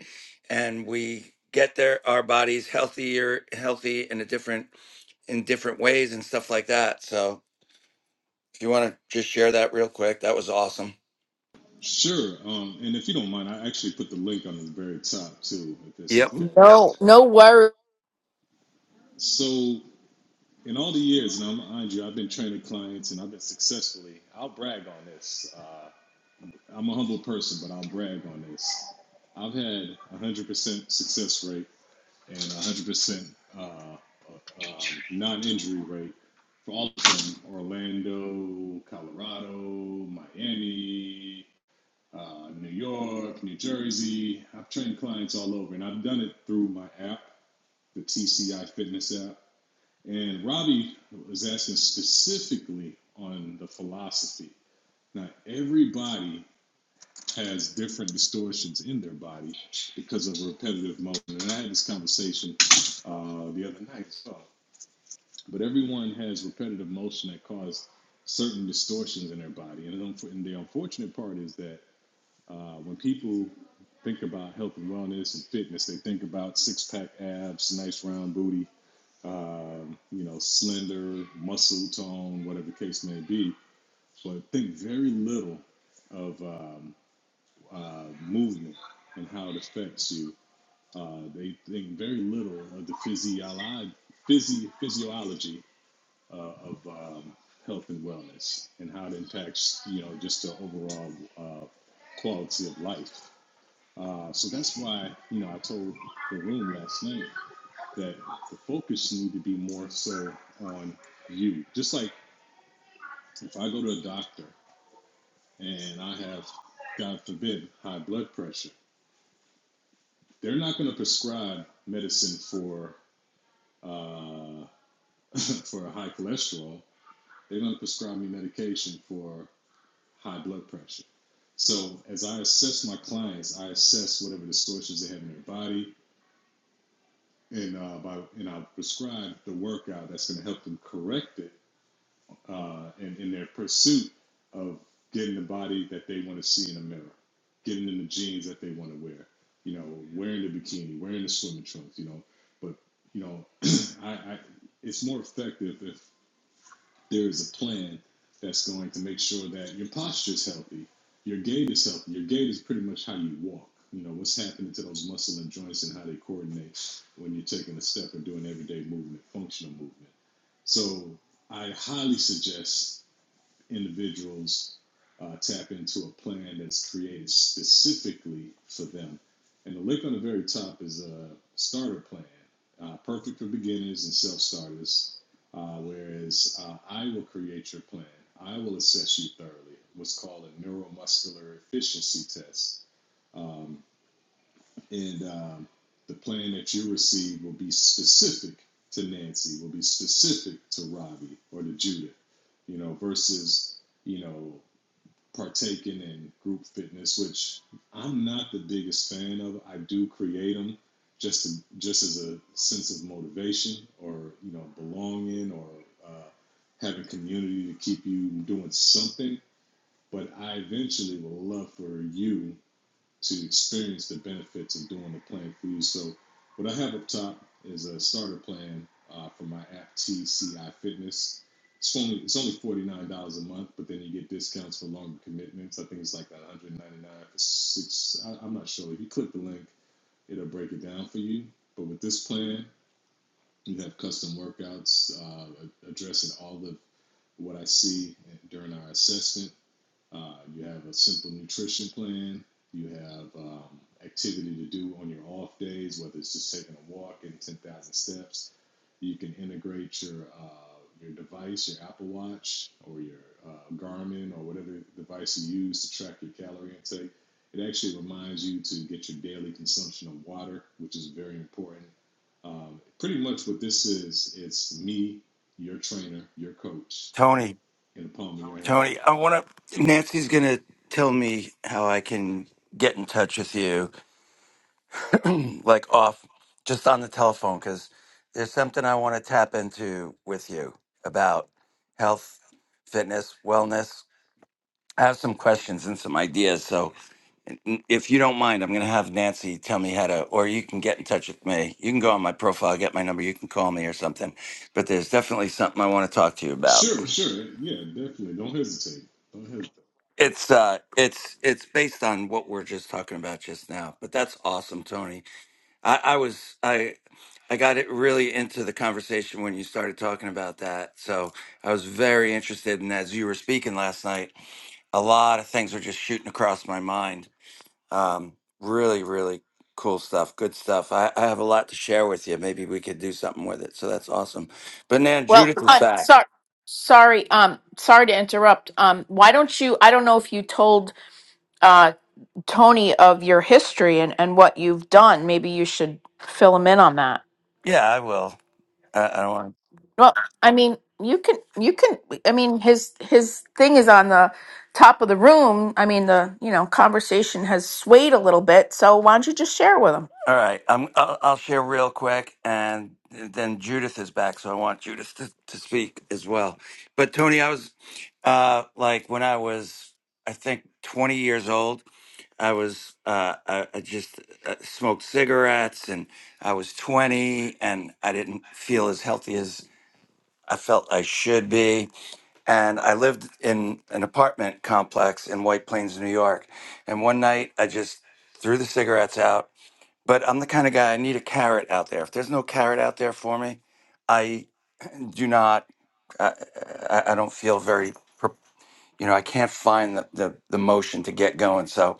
B: and we get their our bodies healthier, healthy in a different in different ways and stuff like that. So if you want to just share that real quick, that was awesome. Yep,
A: No, no worries.
B: Tony. Tony, I want to. Nancy's gonna tell me how I can get in touch with you like off just on the telephone because there's something I want to tap into with you about health, fitness, wellness. I have some questions and some ideas. So n- if you don't mind, I'm going to have Nancy tell me how to, or you can get in touch with me. You can go on my profile, get my number, you can call me or something. But there's definitely something I want to talk to you about. It's uh it's it's based on what we're just talking about just now. But that's awesome, Tony. I, I was I I got it really into the conversation when you started talking about that. So I was very interested and as you were speaking last night. A lot of things were just shooting across my mind. Um, really, really cool stuff. Good stuff. I, I have a lot to share with you. Maybe we could do something with it. So that's awesome. But now
A: well,
B: Judith is
A: uh,
B: back.
A: sorry, sorry, um, sorry to interrupt. Um, why don't you? I don't know if you told uh, Tony of your history and and what you've done. Maybe you should fill him in on that.
B: Yeah, I will. I, I don't want.
A: Well, I mean, you can, you can. I mean, his his thing is on the top of the room. I mean, the you know conversation has swayed a little bit. So why don't you just share with him?
B: All right, I'm, I'll, I'll share real quick, and then Judith is back, so I want Judith to, to speak as well. But Tony, I was uh, like when I was, I think, 20 years old, I was uh, I, I just uh, smoked cigarettes, and I was 20, and I didn't feel as healthy as I felt I should be. And I lived in an apartment complex in White Plains, New York. And one night, I just threw the cigarettes out but I'm the kind of guy I need a carrot out there. If there's no carrot out there for me, I do not. I, I, I don't feel very. pro- You know, I can't find the, the the motion to get going. So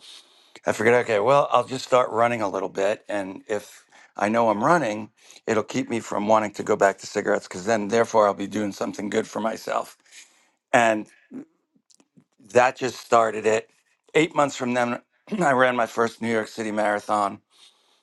B: I figured, okay, well, I'll just start running a little bit, and if I know I'm running, it'll keep me from wanting to go back to cigarettes because then, therefore, I'll be doing something good for myself. And that just started it. Eight months from then, I ran my first New York City marathon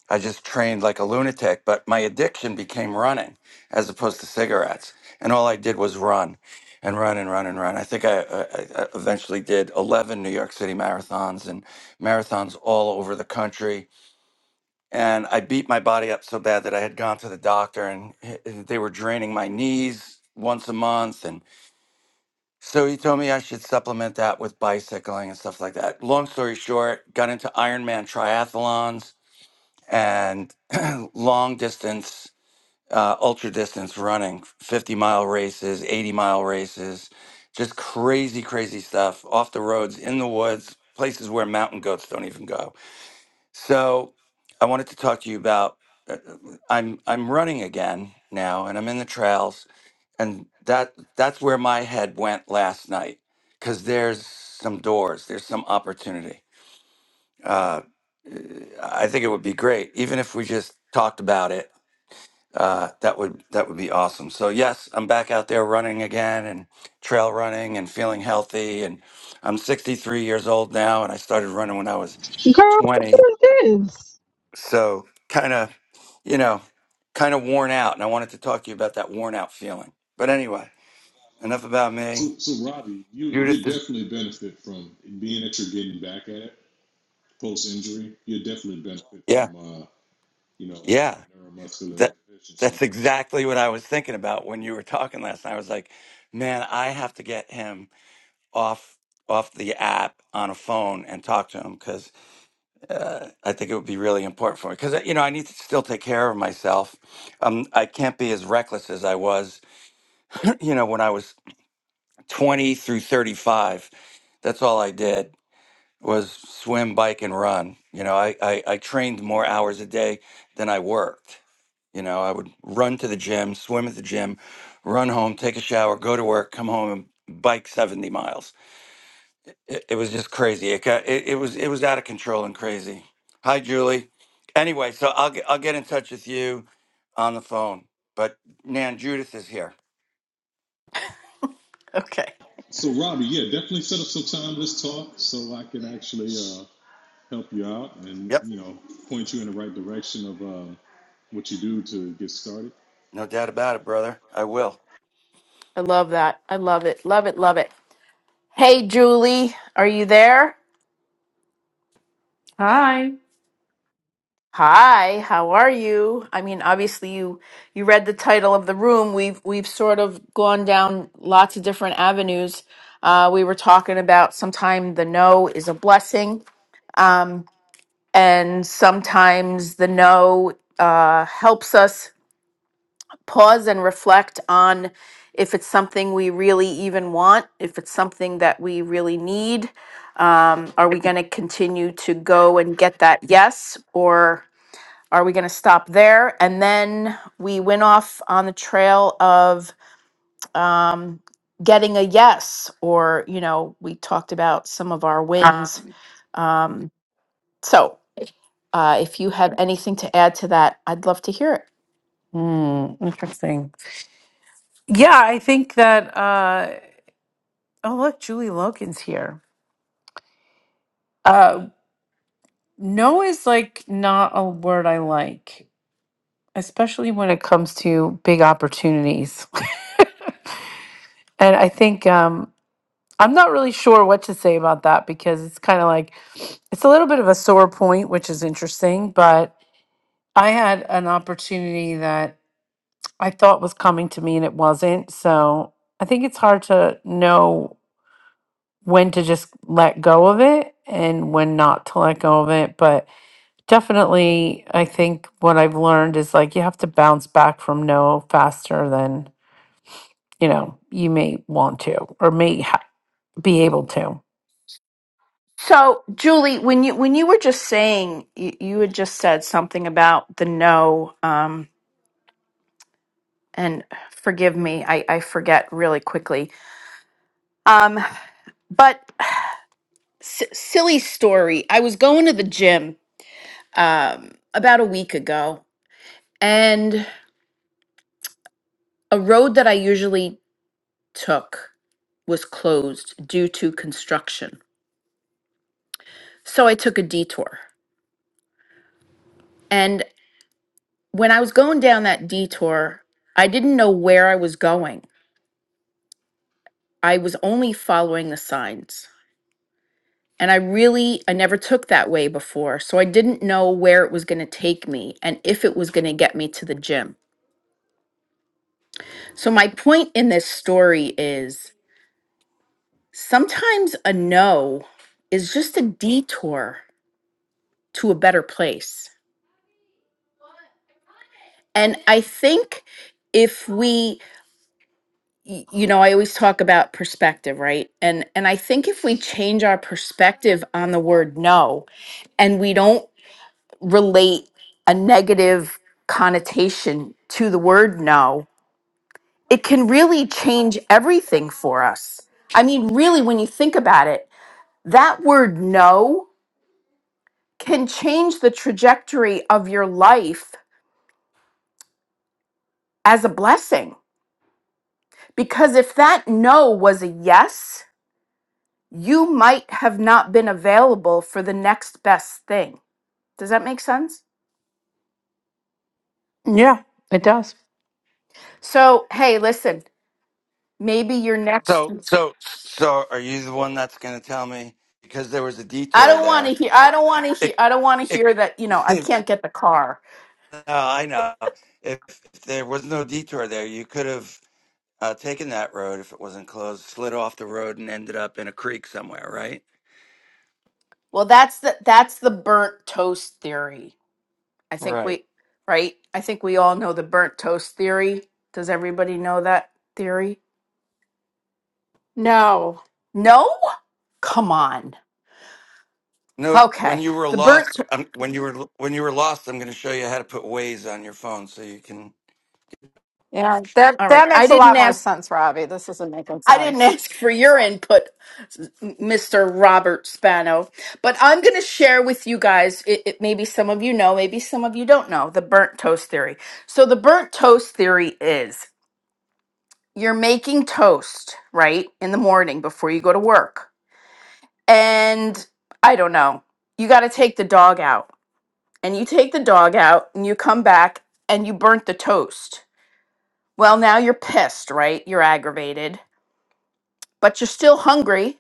B: I just trained like a lunatic, but my addiction became running as opposed to cigarettes. And all I did was run and run and run and run. I think I, I, I eventually did 11 New York City marathons and marathons all over the country. And I beat my body up so bad that I had gone to the doctor and h- they were draining my knees once a month. And so he told me I should supplement that with bicycling and stuff like that. Long story short, got into Ironman triathlons and long distance, uh, ultra distance running, 50 mile races, 80 mile races, just crazy, crazy stuff off the roads, in the woods, places where mountain goats don't even go. So I wanted to talk to you about. uh, uh, I'm I'm running again now, and I'm in the trails, and that that's where my head went last night, because there's some doors, there's some opportunity. Uh, I think it would be great, even if we just talked about it uh, that would that would be awesome. So yes, I'm back out there running again and trail running and feeling healthy. And I'm 63 years old now, and I started running when I was
H: Girl, what
B: 20.
H: is this?
B: So kind of, you know, kind of worn out. And I wanted to talk to you about that worn out feeling. But anyway, enough about me. Judith is yeah, yeah. That that's exactly what I was thinking about when you were talking last night. I was like, man, I have to get him off off the app on a phone and talk to him because uh, I think it would be really important for me because you know I need to still take care of myself. Um, I can't be as reckless as I was, you know, when I was twenty through thirty-five. That's all I did was swim, bike, and run. You know, I, I I trained more hours a day than I worked. You know, I would run to the gym, swim at the gym, run home, take a shower, go to work, come home, and bike seventy miles It, it was just crazy. It got it, it was it was out of control and crazy. Hi, Julie. Anyway, so I'll get, I'll get in touch with you on the phone. But Nan Judith is here.
A: Okay,
B: Yep, no doubt about it, brother. I will.
A: I love that. I love it. Love it. Love it. Hey, Julie, are you there?
I: Hi.
A: Hi, how are you? I mean, obviously you you read the title of the room. We've we've sort of gone down lots of different avenues. Uh, we were talking about sometime the no is a blessing. Um, and sometimes the no uh, helps us pause and reflect on if it's something we really even want, if it's something that we really need. Um, are we going to continue to go and get that yes, or are we going to stop there? And then we went off on the trail of um, getting a yes, or, you know, we talked about some of our wins. Um, so Uh, if you have anything to add to that, I'd love to hear it.
I: Hmm, interesting. Yeah, I think that uh oh look, Julie Logan's here. Uh no is like not a word I like, especially when it comes to big opportunities. and I think um I'm not really sure what to say about that because it's kind of like it's a little bit of a sore point, which is interesting, but I had an opportunity that I thought was coming to me and it wasn't. So I think it's hard to know when to just let go of it and when not to let go of it. But definitely, I think what I've learned is like you have to bounce back from no faster than, you know, you may want to or may ha- be able to.
A: So, Julie, when you when you were just saying you, you had just said something about the no, um, and forgive me, I, I forget really quickly. Um, but s- silly story. I was going to the gym um, about a week ago, and a road that I usually took was closed due to construction. So I took a detour. And when I was going down that detour, I didn't know where I was going. I was only following the signs. And I really, I never took that way before. So I didn't know where it was going to take me and if it was going to get me to the gym. So, my point in this story is sometimes a no is just a detour to a better place. And I think if we y- you know, I always talk about perspective, right? And and I think if we change our perspective on the word no and we don't relate a negative connotation to the word no, it can really change everything for us. I mean, really when you think about it, that word no can change the trajectory of your life as a blessing. Because if that no was a yes, you might have not been available for the next best thing. Does that make sense?
I: Yeah, it does.
A: So, hey, listen, maybe your next
B: So so so, are you the one that's going to tell me because there was a
A: I
B: detour
A: don't want to
B: there?
A: hear I don't want to
B: It
A: hear I don't want to
B: it.
A: hear that, you know, I
B: no,
A: can't get the car.
B: I know. If, if there was no detour there, you could have uh, taken that road if it wasn't closed, slid off the road, and ended up in a creek somewhere, right?
A: Well, that's the that's the burnt toast theory. I think
B: Right.
A: we right? I think we all know the burnt toast theory. Does everybody know that theory?
J: No.
A: No? Come on.
B: No, when
A: Okay.
B: you were
A: The
B: lost,
A: burnt
B: um, when you were when you were lost, I'm going to show you how to put Waze on your phone so you can.
J: Yeah, that
A: All
J: that
A: right. I
J: makes a
A: didn't
J: lot more
A: ask
J: sense, Robbie. This isn't making
A: I
J: sense.
A: didn't ask for your input, Mr. Robert Spano, but I'm going to share with you guys it, it maybe some of you know, maybe some of you don't know, the burnt toast theory. So the burnt toast theory is you're making toast, right, in the morning before you go to work. And I don't know. You got to take the dog out. And you take the dog out and you come back and you burnt the toast Well, now you're pissed, right? You're aggravated, but you're still hungry.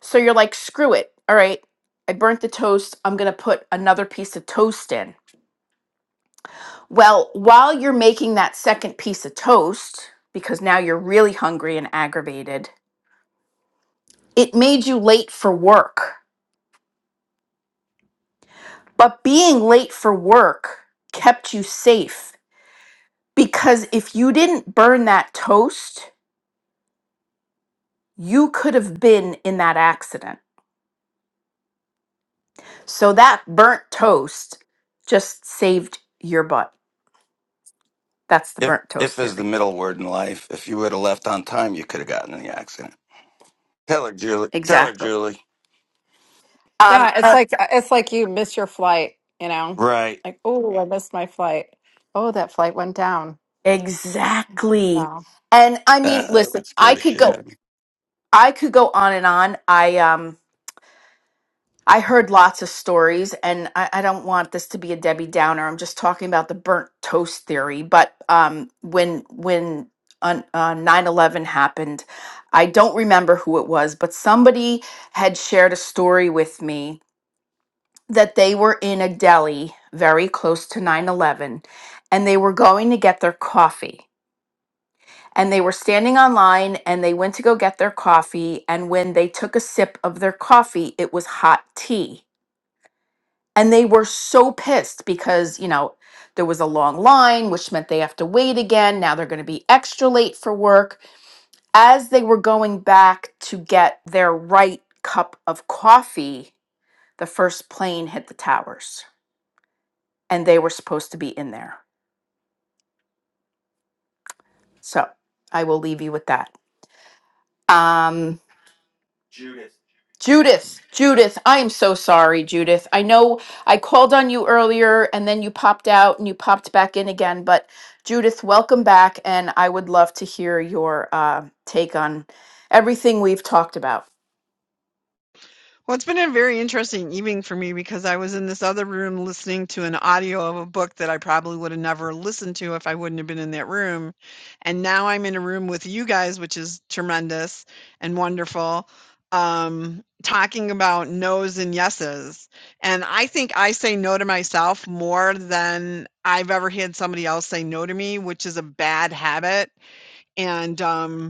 A: So you're like, screw it. All right, I burnt the toast. I'm going to put another piece of toast in. Well, while you're making that second piece of toast, because now you're really hungry and aggravated, it made you late for work. But being late for work kept you safe because if you didn't burn that toast, you could have been in that accident. So that burnt toast just saved your butt. That's the
B: If
A: burnt
B: if
A: toast
B: is the
A: theory.
B: middle word in life, if you would have left on time, you could have gotten in the accident. Tell her, Julie. Tell her,
A: Exactly.
B: Julie.
A: Um
J: Yeah, it's
A: uh,
J: like it's like you miss your flight, you know?
B: Right.
J: Like, oh, I missed my flight. Oh, that flight went down.
A: exactly.
J: Yeah.
A: And I mean,
B: Uh, that would
A: listen,
B: scare
A: I
B: the
A: could
B: shit out
A: go
B: of me.
A: I could go on and on. I um I heard lots of stories and I, I don't want this to be a Debbie Downer. I'm just talking about the burnt toast theory. But um when when on uh, 9 eleven happened i don't remember who it was but somebody had shared a story with me that they were in a deli very close to 9 11 and they were going to get their coffee. And they were standing online and they went to go get their coffee. And when they took a sip of their coffee, it was hot tea. And they were so pissed because, you know, there was a long line, which meant they have to wait again. Now they're going to be extra late for work. As they were going back to get their right cup of coffee, the first plane hit the towers and they were supposed to be in there. So I will leave you with that. Um, Judith, Judith, I am so sorry, Judith. I know I called on you earlier and then you popped out and you popped back in again, but Judith, welcome back. And I would love to hear your uh, take on everything we've talked about.
K: Well, it's been a very interesting evening for me because I was in this other room listening to an audio of a book that I probably would have never listened to if I wouldn't have been in that room. And now I'm in a room with you guys, which is tremendous and wonderful, um, talking about no's and yeses. And I think I say no to myself more than I've ever had somebody else say no to me, which is a bad habit. And, um,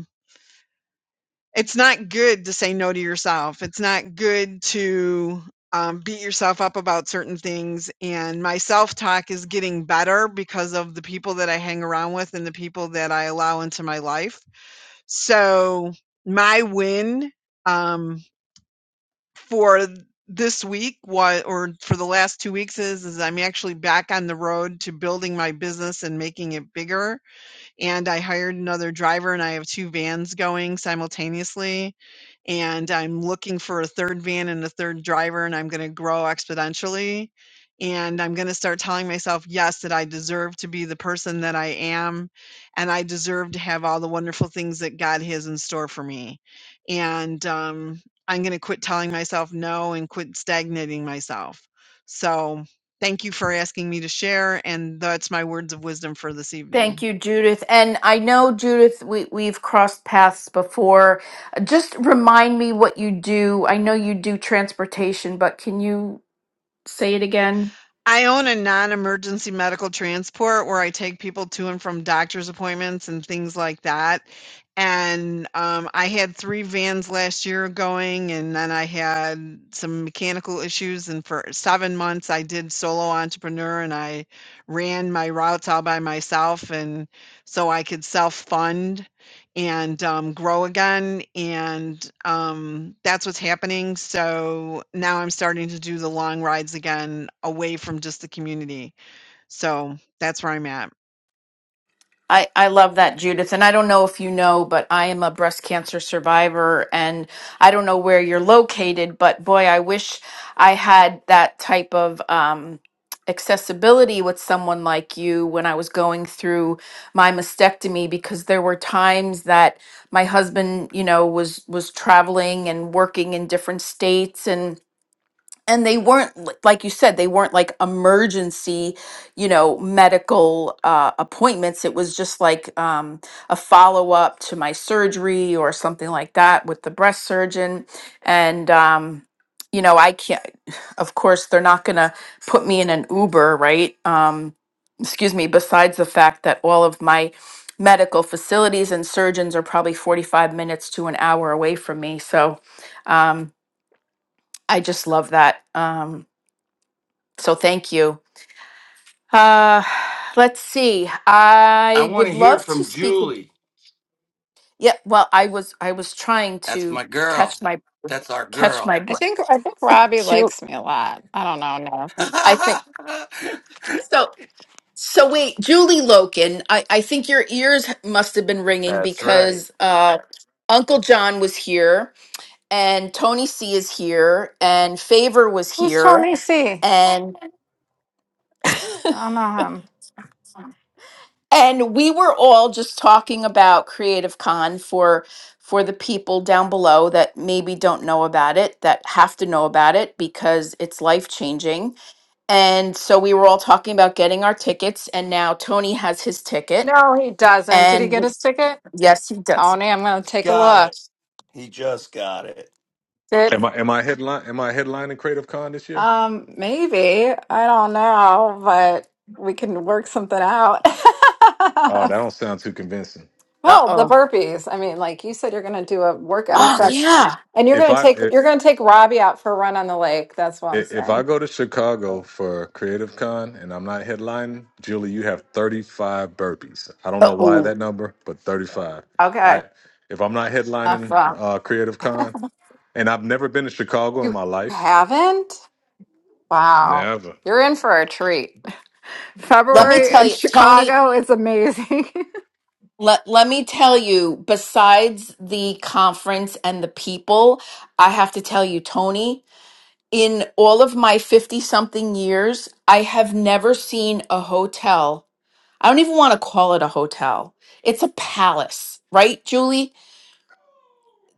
K: it's not good to say no to yourself. It's not good to um, beat yourself up about certain things. And my self talk is getting better because of the people that I hang around with and the people that I allow into my life. So, my win um, for this week was, or for the last two weeks is, is I'm actually back on the road to building my business and making it bigger and I hired another driver and I have 2 vans going simultaneously, and I'm looking for a 3rd van and a 3rd driver, and I'm gonna grow exponentially, and I'm gonna start telling myself, "Yes, that I deserve to be the person that I am, and I deserve to have all the wonderful things that God has in store for me." And, um, I'm gonna quit telling myself no and quit stagnating myself. So, thank you for asking me to share, and that's my words of wisdom for this
A: Thank
K: evening.
A: you, Judith. And I know, Judith, we, we've crossed paths before. Just remind me what you do. I know you do transportation, but can you say it again?
K: I own a non-emergency medical transport where I take people to and from doctor's appointments and things like that. And um, I had three vans last year going, and then I had some mechanical issues. And for seven months, I did solo entrepreneur and I ran my routes all by myself. And so I could self fund and, um, grow again, and, um, that's what's happening, so now I'm starting to do the long rides again away from just the community, so that's where I'm at.
A: I, I love that, Judith. And I don't know if you know, but I am a breast cancer survivor and I don't know where you're located, but boy, I wish I had that type of um, accessibility with someone like you when I was going through my mastectomy because there were times that my husband, you know, was was traveling and working in different states and and they weren't l- like you said they weren't like emergency you know medical uh, appointments it was just like um, a follow-up to my surgery or something like that with the breast surgeon and um, you know i can't of course they're not going to put me in an uber right um, excuse me besides the fact that all of my medical facilities and surgeons are probably 45 minutes to an hour away from me so um, i just love that Um, so thank you. Uh, let's see.
B: I
A: I
B: want to
A: would
B: hear
A: love to
B: from
A: speak.
B: Julie.
A: Yeah. Well, I was I was trying
B: That's
A: to
B: my girl.
A: catch my
B: That's our
A: catch
B: girl.
A: my
J: I
A: breath.
J: think I think Robbie
A: Ju-
J: likes me a lot. I don't know, no.
A: I think
B: That's
A: so. So wait, Julie Loken. I I think your ears must have been ringing
B: right.
A: because uh, Uncle John was here and Tony C is here and Favor was
J: Who's
A: here
J: Tony C?
A: and.
J: I don't know him.
A: and we were all just talking about creative con for for the people down below that maybe don't know about it that have to know about it because it's life changing and so we were all talking about getting our tickets and now tony has his ticket
J: No, he doesn't. Did
A: and
J: he get
A: w-
J: his ticket?
A: yes he does
J: Tony, I'm gonna take a
B: got
J: look.
B: it. He just got it.
J: Did
H: Am I am I headline am I headlining Creative Con this year?
J: um maybe. I don't know, but we can work something out.
H: Oh, that don't sound too convincing.
J: Well, the
A: uh-oh
J: burpees. I mean, like you said, you're going to do a workout
H: If
A: oh
H: if,
J: session,
H: if
A: yeah
J: and you're
H: if
J: going to
H: I
J: take
H: if,
J: you're going to take Robbie out for a run on the lake. That's what I'm
H: if I
J: saying.
H: go to Chicago for Creative Con and I'm not headlining, Julie, you have 35 burpees. I don't know why
A: uh-oh
H: that number, but 35. I
J: Okay,
H: if I'm not
J: enough.
H: headlining
J: uh,
H: uh, Creative Con, and I've never been to Chicago in
J: you
H: my life,
J: haven't? Wow,
H: never.
J: you're in for a treat.
A: let me
J: February
A: tell
J: in
A: you tony
J: Chicago is amazing.
A: Let let me tell you, besides the conference and the people, I have to tell you, Tony, in all of my 50 something years, I have never seen a hotel. I don't even want to call it a hotel. It's a palace, right, Julie?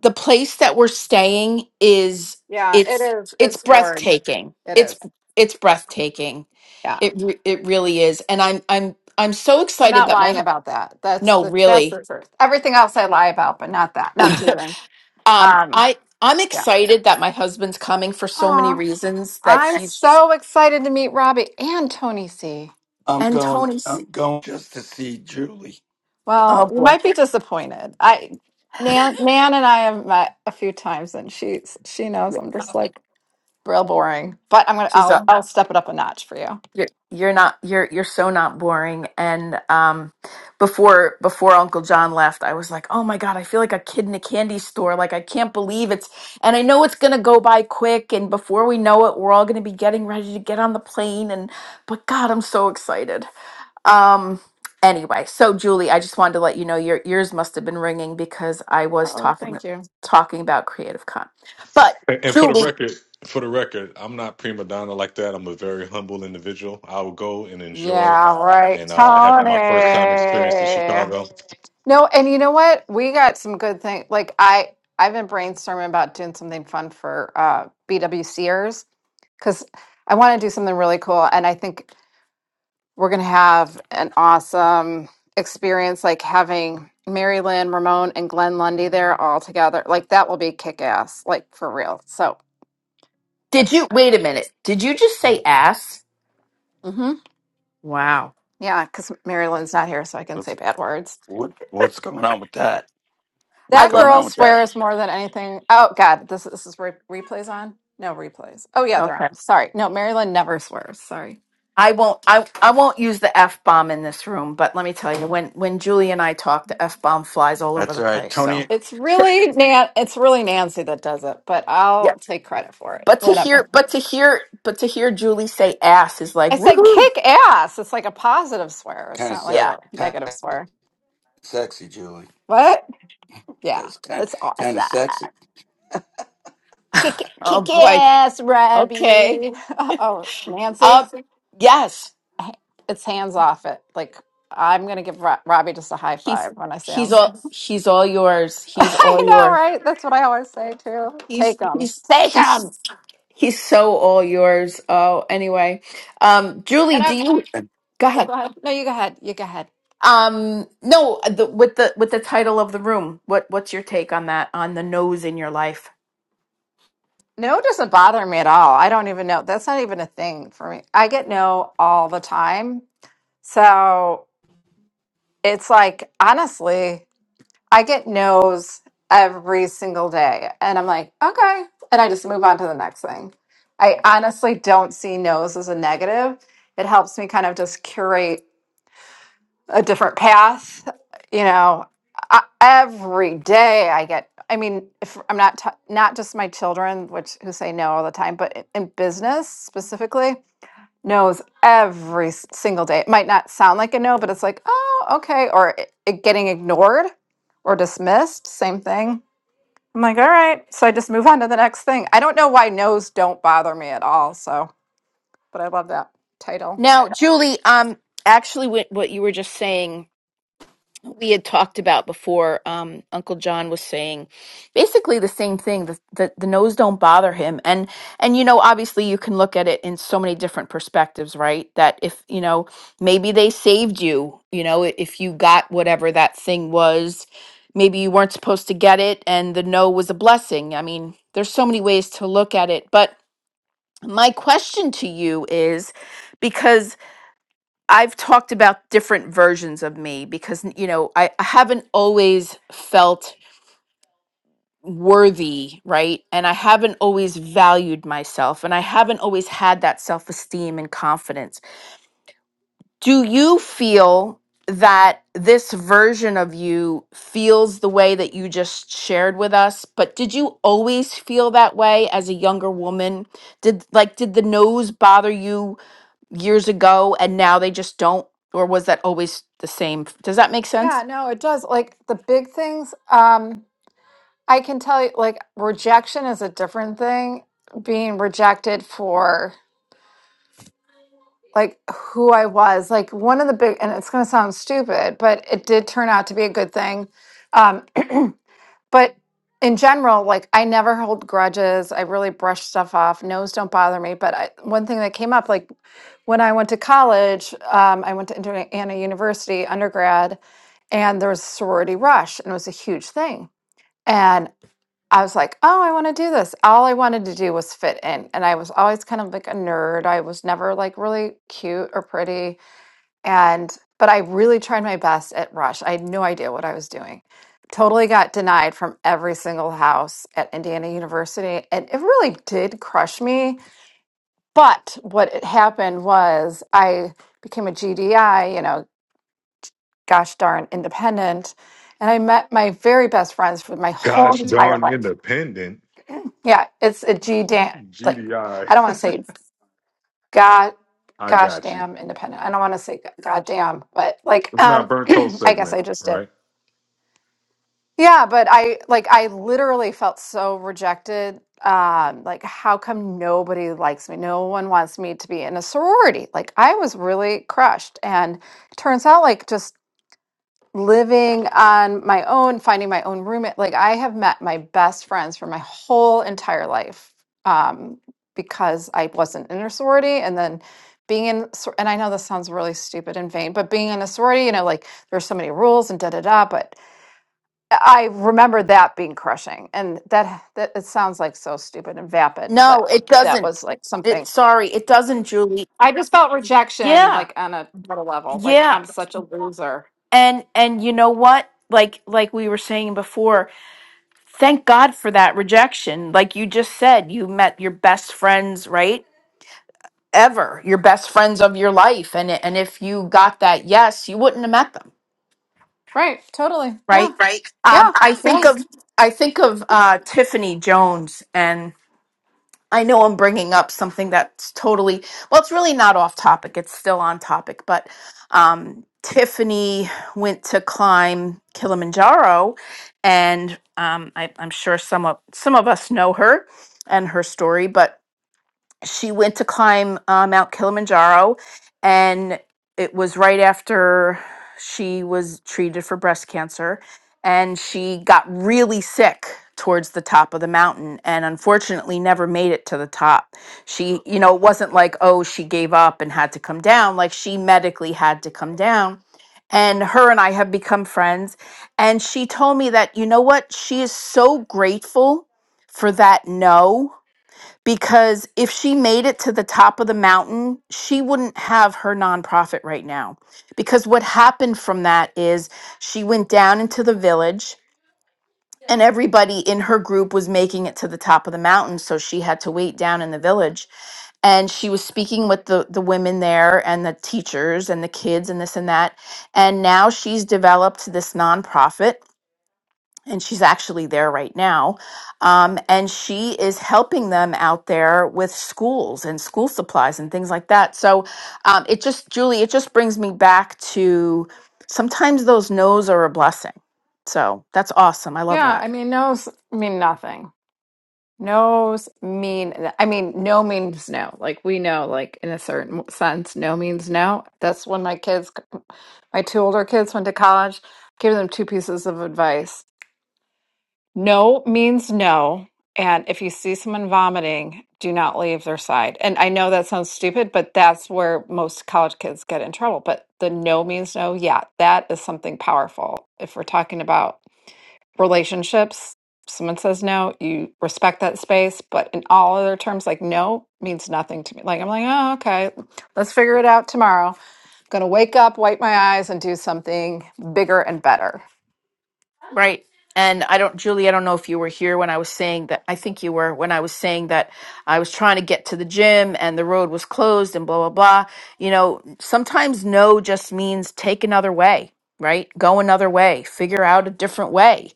A: The place that we're staying is
J: yeah, it
A: it's
J: is.
A: it's
J: It's gorge.
A: breathtaking.
J: It
A: It's
J: is.
A: it's breathtaking.
J: Yeah,
A: It re- it really is. And I'm I'm I'm so
J: I'm
A: excited
J: not
A: that my
J: lying
A: hu-
J: about that. That's
A: no,
J: the that's
A: really.
J: the truth. Everything else I lie about, but not that. No, I'm teasing.
A: Um,
J: Um,
A: I I'm excited that my husband's coming for so
J: yeah.
A: many reasons that
J: I'm
A: he's
J: so excited to meet Robbie and Tony C.
B: I'm
A: and
B: going.
A: Tony's.
B: I'm going just to see Julie.
J: Well,
A: Oh
J: you
A: boy,
J: might be disappointed. I Nan Nan and I have met a few times and she's she knows I'm just like real boring. But I'm gonna
A: she's
J: I'll
A: up.
J: I'll step it up a notch for you.
A: You're you're not you're you're so not boring. And um, before before Uncle John left, I was like, oh my god, I feel like a kid in a candy store. Like I can't believe it's. And I know it's gonna go by quick. And before we know it, we're all gonna be getting ready to get on the plane. And but God, I'm so excited. Um. Anyway, so Julie, I just wanted to let you know your ears must have been ringing because I was
J: Oh,
A: talking
J: thank you.
A: talking about Creative Con. But
H: And and for the
A: Julie,
H: record, for the record, I'm not prima donna like that. I'm a very humble individual. I will go and enjoy,
J: Yeah, right.
H: and uh, I have my first time experience in
J: Tony.
H: Chicago.
J: No, and you know what? We got some good things. Like I, I've been brainstorming about doing something fun for uh, BWCers because I want to do something really cool, and I think we're gonna have an awesome experience. Like having Mary Lynn, Ramon, and Glenn Lundy there all together, like that will be kick ass, like for real. So,
A: Did
J: yep.
A: you wait a minute? Did you just say ass?
J: mm-hmm.
A: wow,
J: yeah, because Mary Lynn's not here, so I can say bad words.
B: What what's going on with that? What's
A: I
J: That
B: going
A: love.
J: girl
B: on with that?
J: swears more than anything. Oh God, this this is re- replays on. No replays. Oh yeah, they're
A: Okay,
J: on. Sorry, no, Marilyn never swears. Sorry,
A: I won't. I I won't use the f bomb in this room. But let me tell you, when when Julie and I talk, the f bomb flies all over
B: That's
A: the
B: all right.
A: place. So
B: Tony
J: it's really Nan. It's really Nancy that does it, but
A: yeah.
J: I'll take credit for it.
A: But to
J: Whatever.
A: hear, but to hear, but to hear Julie say ass is like
J: I said
A: woohoo.
J: kick ass. It's like a positive swear. It's
B: kind of
J: not like
B: sec,
A: Yeah.
J: a
B: kind
J: negative
B: of
J: swear.
B: sexy, Julie.
J: What?
B: That
J: Yeah,
B: was kind of,
J: it's
B: kind of
J: awesome.
B: sexy.
J: Kick
A: Oh
J: kick
A: boy.
J: ass,
A: Okay.
J: Robbie. Oh, Nancy,
A: Um. Yes.
J: it's hands off it. Like I'm gonna give Ro- Robbie just a high
A: He's
J: five when I see
A: he's
J: him.
A: all he's all yours. He's
J: I
A: all
J: know,
A: yours.
J: right? That's what I always say too.
A: He's
J: Take them,
A: he's
J: take
A: he's
J: them.
A: he's so all yours. Oh, anyway, um, Julie,
J: And
A: do
J: I'm.
A: you
B: And
A: go
J: Oh,
A: ahead?
J: go ahead. No, you go ahead. You go ahead.
A: Um, no, the, with the with the title of the room, what what's your take on that? On the nose in your life
J: No doesn't bother me at all. I don't even know. That's not even a thing for me. I get no all the time. So it's like, honestly, I get no's every single day. And I'm like, okay. And I just move on to the next thing. I honestly don't see no's as a negative. It helps me kind of just curate a different path. You know, I, every day I get. I mean, if I'm not t- not just my children, which who say no all the time, but in, in business specifically, knows every s- single day. It might not sound like a no, but it's like, oh, okay, or it, it getting ignored or dismissed. Same thing. I'm like, all right. So I just move on to the next thing. I don't know why no's don't bother me at all. So, but I love that title.
A: now, Julie. Um, actually, what what you were just saying we had talked about before um, uncle john was saying basically the same thing the, the, the nose don't bother him and and you know obviously you can look at it in so many different perspectives right that if you know maybe they saved you you know i- if you got whatever that thing was maybe you weren't supposed to get it and the no was a blessing i mean there's so many ways to look at it but my question to you is because. I've talked about different versions of me because, you know, I, I haven't always felt worthy, right? And I haven't always valued myself and I haven't always had that self esteem and confidence. Do you feel that this version of you feels the way that you just shared with us? But did you always feel that way as a younger woman? Did like did the nose bother you years ago and now they just don't or was that always the same does that make
J: Yeah,
A: sense
J: no, it does. Like the big things. Um, I can tell you, like, rejection is a different thing. Being rejected for like who I was, like one of the big, and it's going to sound stupid, but it did turn out to be a good thing. Um, but in general, like, I never hold grudges. I really brush stuff off. No's don't bother me. But I, one thing that came up, like, when I went to college, um, I went to Indiana University undergrad, and there was a sorority rush, and it was a huge thing. and. I was like, "Oh, I want to do this." All I wanted to do was fit in, and I was always kind of like a nerd. I was never like really cute or pretty, and but I really tried my best at Rush. I had no idea what I was doing. Totally got denied from every single house at Indiana University, and it really did crush me. But what it happened was I became a GDI, you know, gosh darn independent, and I met my very best friends for my whole
H: Gosh
J: entire
H: darn
J: life.
H: independent,
J: Yeah, it's a G damn. Like
H: GDI.
J: I don't want
H: I
J: to say god,
H: I
J: gosh
H: got you.
J: damn independent. I don't want to say go- god damn, but like
H: It's not
J: um,
H: burnt toast
J: I guess
H: segment,
J: I just did. Yeah, but I like I literally felt so rejected. Um, like how come nobody likes me? No one wants me to be in a sorority. Like I was really crushed, and it turns out like just living on my own, finding my own roommate. Like I have met my best friends for my whole entire life um, because I wasn't in a sorority, and then being in sor- and I know this sounds really stupid and vain, but being in a sorority, you know, like there's so many rules and da da da. But I remember that being crushing, and that that it sounds like so stupid and vapid,
A: no
J: but
A: it
J: that
A: doesn't
J: was like
A: it
J: something.
A: sorry it doesn't julie
J: I just felt rejection,
A: yeah
J: like on a, on a level, like
A: yeah
J: I'm such a loser.
A: and and you know what like like we were saying before thank god for that rejection like you just said you met your best friends right ever your best friends of your life and and if you got that yes you wouldn't have met them
J: Right. Totally. Yeah.
A: right
J: right? Yeah.
A: um i
J: Um,
A: think
J: Yeah.
A: of i think of uh tiffany jones and. I know I'm bringing up something that's totally, well, it's really not off topic. It's still on topic. But um, Tiffany went to climb Kilimanjaro, and um, I, I'm sure some of, some of us know her and her story. But she went to climb uh, Mount Kilimanjaro, and it was right after she was treated for breast cancer, and she got really sick towards the top of the mountain and unfortunately never made it to the top. She, you know, it wasn't like, oh, she gave up and had to come down, like she medically had to come down. And her and I have become friends. And she told me that, you know what? She is so grateful for that no because if she made it to the top of the mountain, she wouldn't have her nonprofit right now. Because what happened from that is she went down into the village and everybody in her group was making it to the top of the mountain. So she had to wait down in the village. And she was speaking with the, the women there and the teachers and the kids and this and that. And now she's developed this nonprofit and she's actually there right now. Um, and she is helping them out there with schools and school supplies and things like that. So um, it just, Julie, it just brings me back to sometimes those no's are a blessing. So that's awesome. I love
J: Yeah.
A: that.
J: I mean, no's mean nothing. No's mean, I mean, no means no. Like, we know, like, in a certain sense, no means no. That's when my kids, my two older kids went to college, gave them two pieces of advice. No means no. And if you see someone vomiting, do not leave their side. And I know that sounds stupid, but that's where most college kids get in trouble. But the no means no, yeah, that is something powerful. If we're talking about relationships someone says no you respect that space but in all other terms like no means nothing to me like i'm like oh okay let's figure it out tomorrow i'm gonna wake up wipe my eyes and do something bigger and better
A: Right. And I don't, Julie, I don't know if you were here when I was saying that. I think you were when I was saying that I was trying to get to the gym and the road was closed and blah, blah, blah. You know, sometimes no just means take another way, right? Go another way, figure out a different way.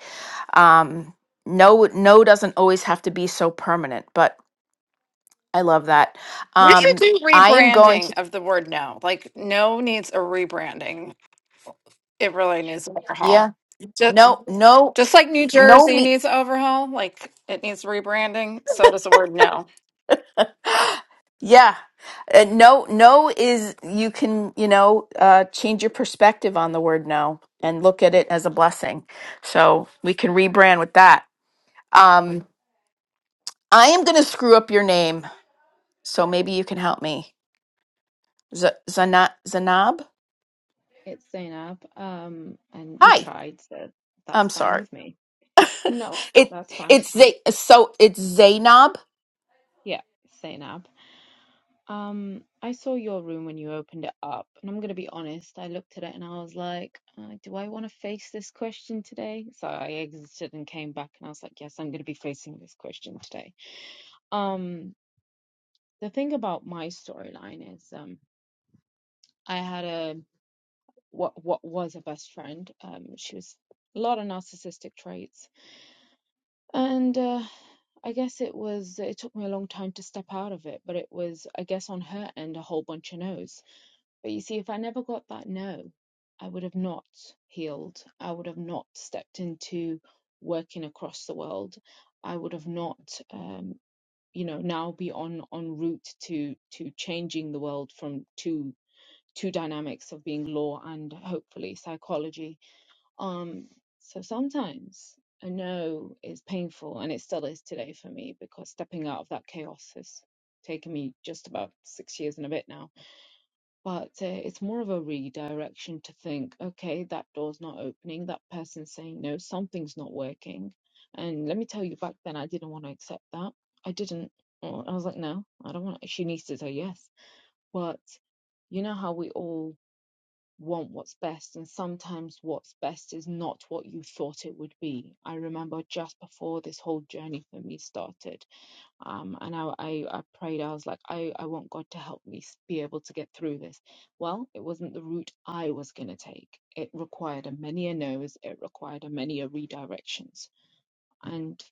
A: Um, no, no doesn't always have to be so permanent, but I love that.
J: We should
A: Um,
J: do
A: I am going
J: rebranding
A: to,
J: of the word no. Like no needs a rebranding. It really needs an overhaul.
A: yeah,
J: Just,
A: no, no,
J: just like New
A: no, me.
J: Jersey needs an overhaul, like it needs rebranding, so does the word no.
A: Yeah. Uh, no, no is you can, you know, uh, change your perspective on the word no and look at it as a blessing. So we can rebrand with that. Um, I am going to screw up your name. So maybe you can help me. Z- Zana- Zanab?
L: It's Zainab. Um, and you
A: Hi.
L: tried, so that's
A: I'm
L: fine
A: sorry.
L: with me. No,
A: it
L: that's fine.
A: it's Z- so it's Zainab.
L: Yeah, it's Zainab. Um, I saw your room when you opened it up, and I'm gonna be honest, I looked at it and I was like, uh, do I want to face this question today? So I exited and came back and I was like, yes, I'm gonna be facing this question today. Um, the thing about my storyline is, um, I had a what what was a best friend. Um, she was a lot of narcissistic traits. And uh, I guess it was, it took me a long time to step out of it, but it was, I guess, on her end, a whole bunch of no's. But you see, if I never got that no, I would have not healed. I would have not stepped into working across the world. I would have not, um, you know, now be on on route to to changing the world from two two dynamics of being law and hopefully psychology um, so sometimes I know it's painful, and it still is today for me because stepping out of that chaos has taken me just about six years and a bit now. But uh, it's more of a redirection to think, okay, that door's not opening, that person's saying no, something's not working. And let me tell you, back then I didn't want to accept that. I didn't. I was like, no, I don't want. She needs to say yes. But you know how we all want what's best, and sometimes what's best is not what you thought it would be. I remember just before this whole journey for me started, um, and I, I, I prayed, I was like, I, I want God to help me s- be able to get through this. Well, it wasn't the route I was going to take. It required a many a no's, it required a many a redirections. And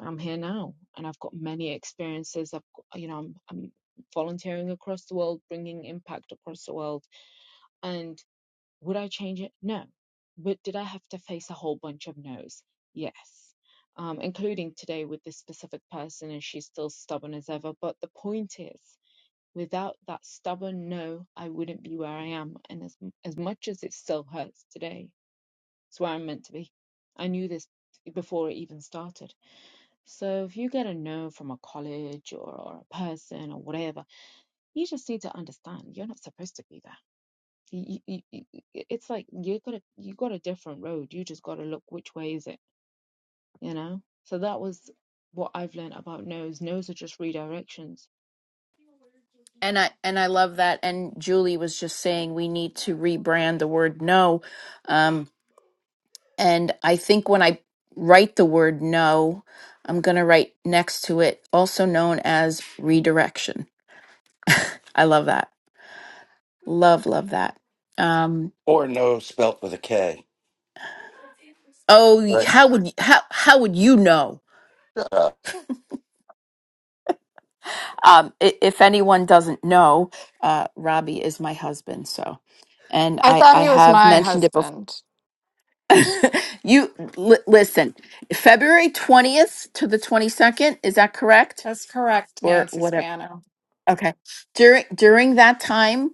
L: I'm here now, and I've got many experiences. I've, got, you know, I'm, I'm volunteering across the world, bringing impact across the world. and would I change it? No. But did I have to face a whole bunch of no's? Yes. Um, including today with this specific person, and she's still stubborn as ever. But the point is, without that stubborn no, I wouldn't be where I am. And as as much as it still hurts today, it's where I'm meant to be. I knew this before it even started. So if you get a no from a college or, or a person or whatever, you just need to understand you're not supposed to be there you, you, you, it's like you got a you got a different road. You just got to look which way is it, you know. So that was what I've learned about no's. No's are just redirections.
A: And I and I love that. And Julie was just saying we need to rebrand the word no. Um, and I think when I write the word no, I'm gonna write next to it, also known as redirection. I love that. Love, love that. Um,
B: or no spelt with a K.
A: oh,
B: Right.
A: how would how how would you know?
B: Shut up.
A: Um, i- if anyone doesn't know, uh, Robbie is my husband. So, and
J: I
A: I
J: thought
A: I
J: he was
A: have
J: my
A: mentioned it before.
J: husband.
A: you li- listen. February 20th to the 22nd, is that correct?
J: That's correct,
A: Or
J: Nancy
A: whatever.
J: Spano.
A: Okay. During during that time,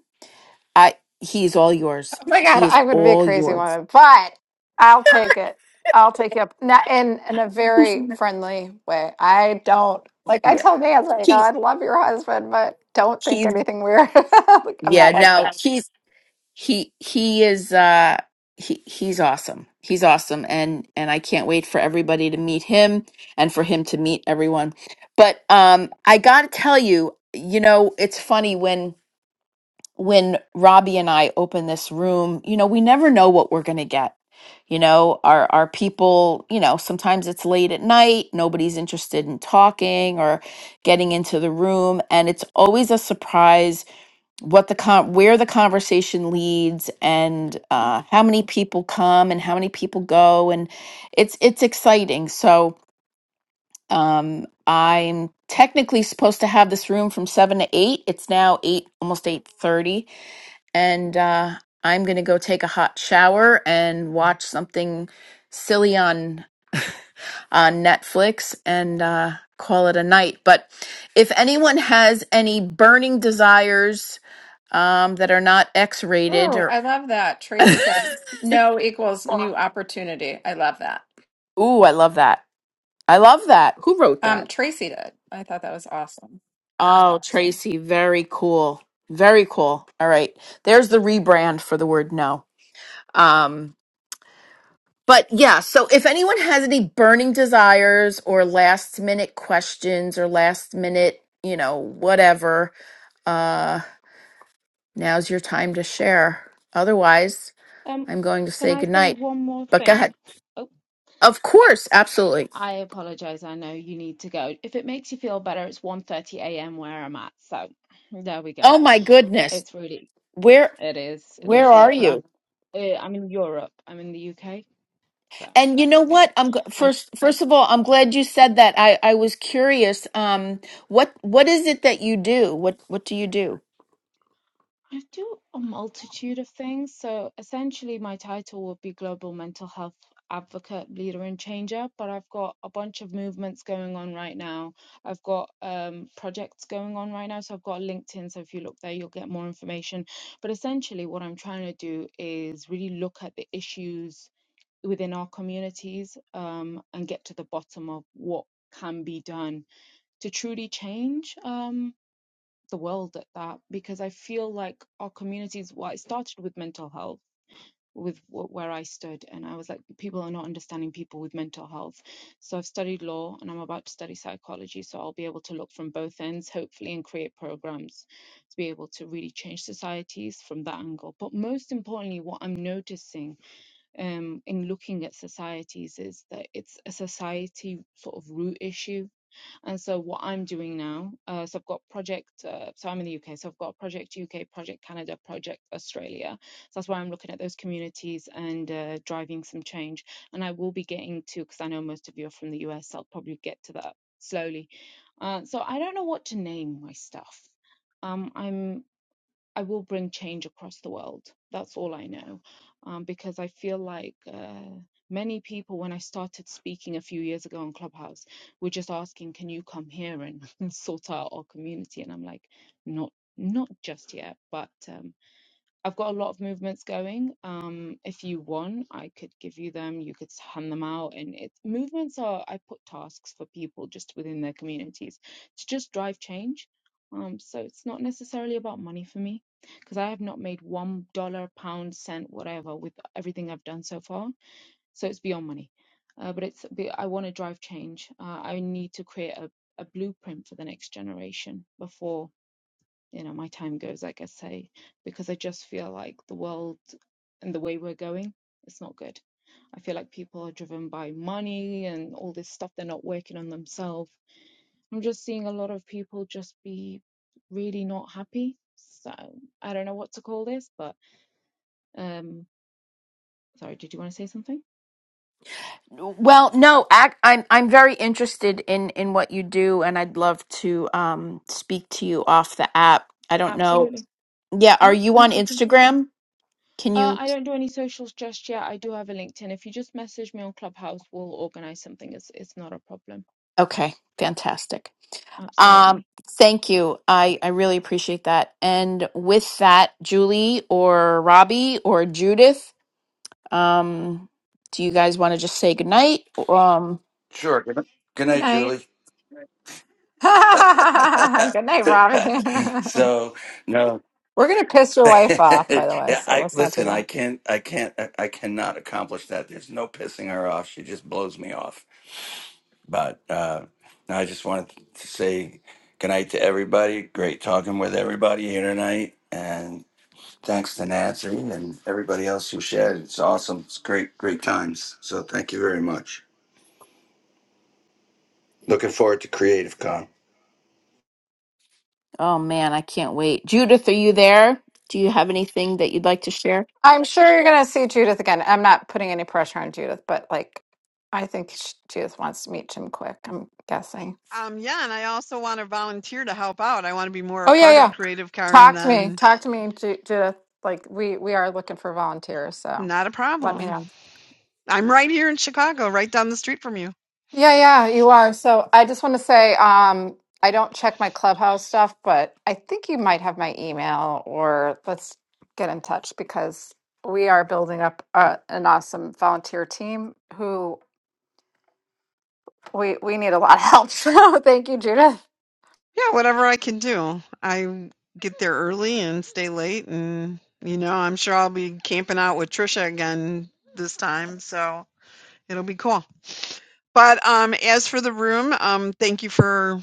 A: I he's all yours.
J: Oh my
A: He
J: God,
A: is
J: I'm going to be a
A: all
J: crazy
A: yours.
J: woman, but I'll take it. I'll take you up. Not in in a
A: He's-
J: very friendly way. I don't like. I
A: yeah.
J: told Nance, like, oh,
A: He's
J: I love your husband, but don't think
A: he's
J: anything weird. Like, I'm
A: yeah,
J: not like
A: no.
J: that.
A: He's he he is uh he he's awesome. He's awesome and and I can't wait for everybody to meet him and for him to meet everyone. But um I got to tell you, you know, it's funny when when Robbie and I open this room, you know, we never know what we're going to get. You know, our our people, you know, sometimes it's late at night, nobody's interested in talking or getting into the room, and it's always a surprise what the con- where the conversation leads and uh, how many people come and how many people go, and it's it's exciting. So um, I'm technically supposed to have this room from seven to eight. It's now eight, almost eight thirty, and uh, I'm gonna go take a hot shower and watch something silly on on Netflix and uh, call it a night. But if anyone has any burning desires um, that are not X rated
J: Oh,
A: or
J: I love that. Tracy said no equals new opportunity. I love that.
A: Ooh, I love that. I love that. Who wrote that?
J: Um, Tracy did. I thought that was awesome.
A: Oh, Tracy, very cool. Very cool. All right. There's the rebrand for the word no. Um, but yeah, so if anyone has any burning desires or last minute questions or last minute, you know, whatever, uh, now's your time to share. Otherwise,
L: Um,
A: I'm going to
L: can
A: say
L: I say
A: goodnight.
L: one more
A: But go
L: thing?
A: ahead.
L: Oh,
A: Of course, absolutely.
L: I apologize. I know you need to go. If it makes you feel better, it's 1:30 a.m. where I'm at. So there we go.
A: Oh my goodness.
L: It's really
A: Where
L: it is it
A: where
L: is
A: are
L: late, but
A: you?
L: I'm uh, I'm in Europe. I'm in the UK. So
A: And you know
L: yeah,
A: what? I'm g-
L: I.
A: first. First of all, I'm glad you said that. I I was curious. Um, what what is it that you do? What what do you do?
L: I do a multitude of things. So essentially, my title would be Global Mental Health Advocate, Leader, and Changer. But I've got a bunch of movements going on right now. I've got um, projects going on right now. So I've got a LinkedIn. So if you look there, you'll get more information. But essentially, what I'm trying to do is really look at the issues within our communities um, and get to the bottom of what can be done to truly change. Um, the world at that because I feel like our communities. Well, it started with mental health, with where I stood, and I was like, people are not understanding people with mental health. So I've studied law, and I'm about to study psychology. So I'll be able to look from both ends, hopefully, and create programs to be able to really change societies from that angle. But most importantly, what I'm noticing um, in looking at societies is that it's a society sort of root issue and so what I'm doing now, uh, so I've got project, uh, so I'm in the UK, so I've got project UK, project Canada, project Australia. So that's why I'm looking at those communities and uh, driving some change. And I will be getting to, because I know most of you are from the US, I'll probably get to that slowly. Uh, so I don't know what to name my stuff. Um, I'm I will bring change across the world. That's all I know. Um, because I feel like uh, many people, when I started speaking a few years ago on Clubhouse, were just asking, can you come here and, sort out our community? And I'm like, not, not just yet, but. Um, I've got a lot of movements going. Um, if you want, I could give you them. You could hand them out, and it movements are. I put tasks for people just within their communities to just drive change. Um, so it's not necessarily about money for me because I have not made one dollar, pound, cent, whatever with everything I've done so far. So it's beyond money, uh, but it's. be- I want to drive change. Uh, I need to create a, a blueprint for the next generation before you know my time goes like i say because i just feel like the world and the way we're going it's not good i feel like people are driven by money and all this stuff they're not working on themselves i'm just seeing a lot of people just be really not happy so i don't know what to call this but um sorry did you want to say something
A: Well, no, ac I'm I'm very interested in in what you do, and I'd love to um speak to you off the app. I don't know.
L: absolutely
A: Yeah, are
L: no
A: you
L: no
A: on
L: problem
A: Instagram? Can
L: uh,
A: you?
L: I don't do any socials just yet. I do have a LinkedIn. If you just message me on Clubhouse, we'll organize something. It's it's not a problem.
A: Okay, fantastic. Um,
L: Absolutely.
A: thank you. I, I really appreciate that. And with that, Julie or Robbie or Judith, Um, do you guys want to just say goodnight? Um,
B: Sure. Good, night, good
J: Good
B: night,
J: night.
B: Julie.
J: Good night, Robbie.
B: so no.
J: We're gonna piss your
B: Yeah,
J: wife off, by the way. So
B: I
J: let's not do
B: listen. I
J: that.
B: can't. I can't. I I cannot accomplish that. There's no pissing her off. She just blows me off. But uh, I just wanted to say good night to everybody. Great talking with everybody here tonight. And thanks to Nancy and everybody else who shared. It's awesome. It's great, great times. So thank you very much. Looking forward to Creative Con.
A: oh man, I can't wait. Judith, are you there? Do you have anything that you'd like to share?
J: I'm sure you're going to see Judith again. I'm not putting any pressure on Judith, but like, I think sh Judith wants to meet Jim Quick. I'm guessing.
K: Um, yeah, and I also wanna volunteer to help out, I wanna be more a
J: Oh yeah,
K: part of
J: yeah.
K: Creative Karn
J: Talk to me.
K: than
J: Talk to me, Ju Judith. Like we we are looking for volunteers, so
K: not a
J: let me
K: problem.
J: know.
K: I'm right here in Chicago, right down the street from you.
J: Yeah, yeah, you are. So I just want to say, um, I don't check my clubhouse stuff, but I think you might have my email, or let's get in touch because we are building up uh an awesome volunteer team who We we need a lot of help. So thank you, Judith.
K: Yeah, whatever I can do. I get there early and stay late and, you know, I'm sure I'll be camping out with Trisha again this time, so It'll be cool. But um, as for the room, um, thank you for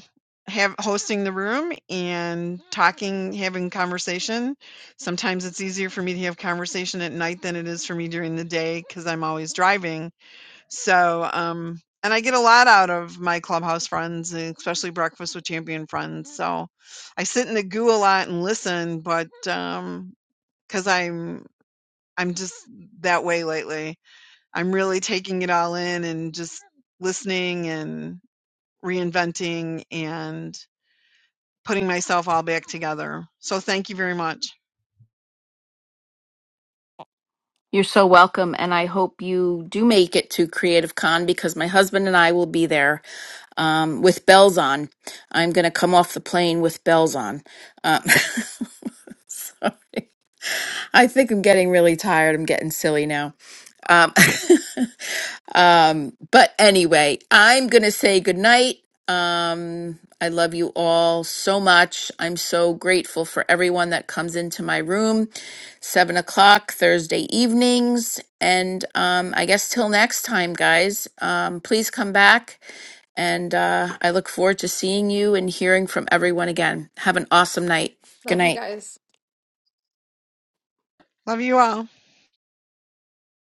K: have hosting the room and talking, having conversation. Sometimes it's easier for me to have conversation at night than it is for me during the day because I'm always driving. So, um, and I get a lot out of my clubhouse friends, and especially breakfast with champion friends. So, I sit in the goo a lot and listen, but um, because I'm I'm just that way lately I'm really taking it all in and just listening and reinventing and putting myself all back together. So thank you very much.
A: You're so welcome, and I hope you do make it to Creative Con because my husband and I will be there um, with bells on. I'm going to come off the plane with bells on. Um, I think I'm getting really tired. I'm getting silly now. Um, um, but anyway, I'm going to say goodnight. Um, I love you all so much. I'm so grateful for everyone that comes into my room, seven o'clock Thursday evenings. And um, I guess till next time, guys, um, please come back. And uh, I look forward to seeing you and hearing from everyone again. Have an awesome night. Good
J: Love you
A: night.
J: guys.
K: Love you all.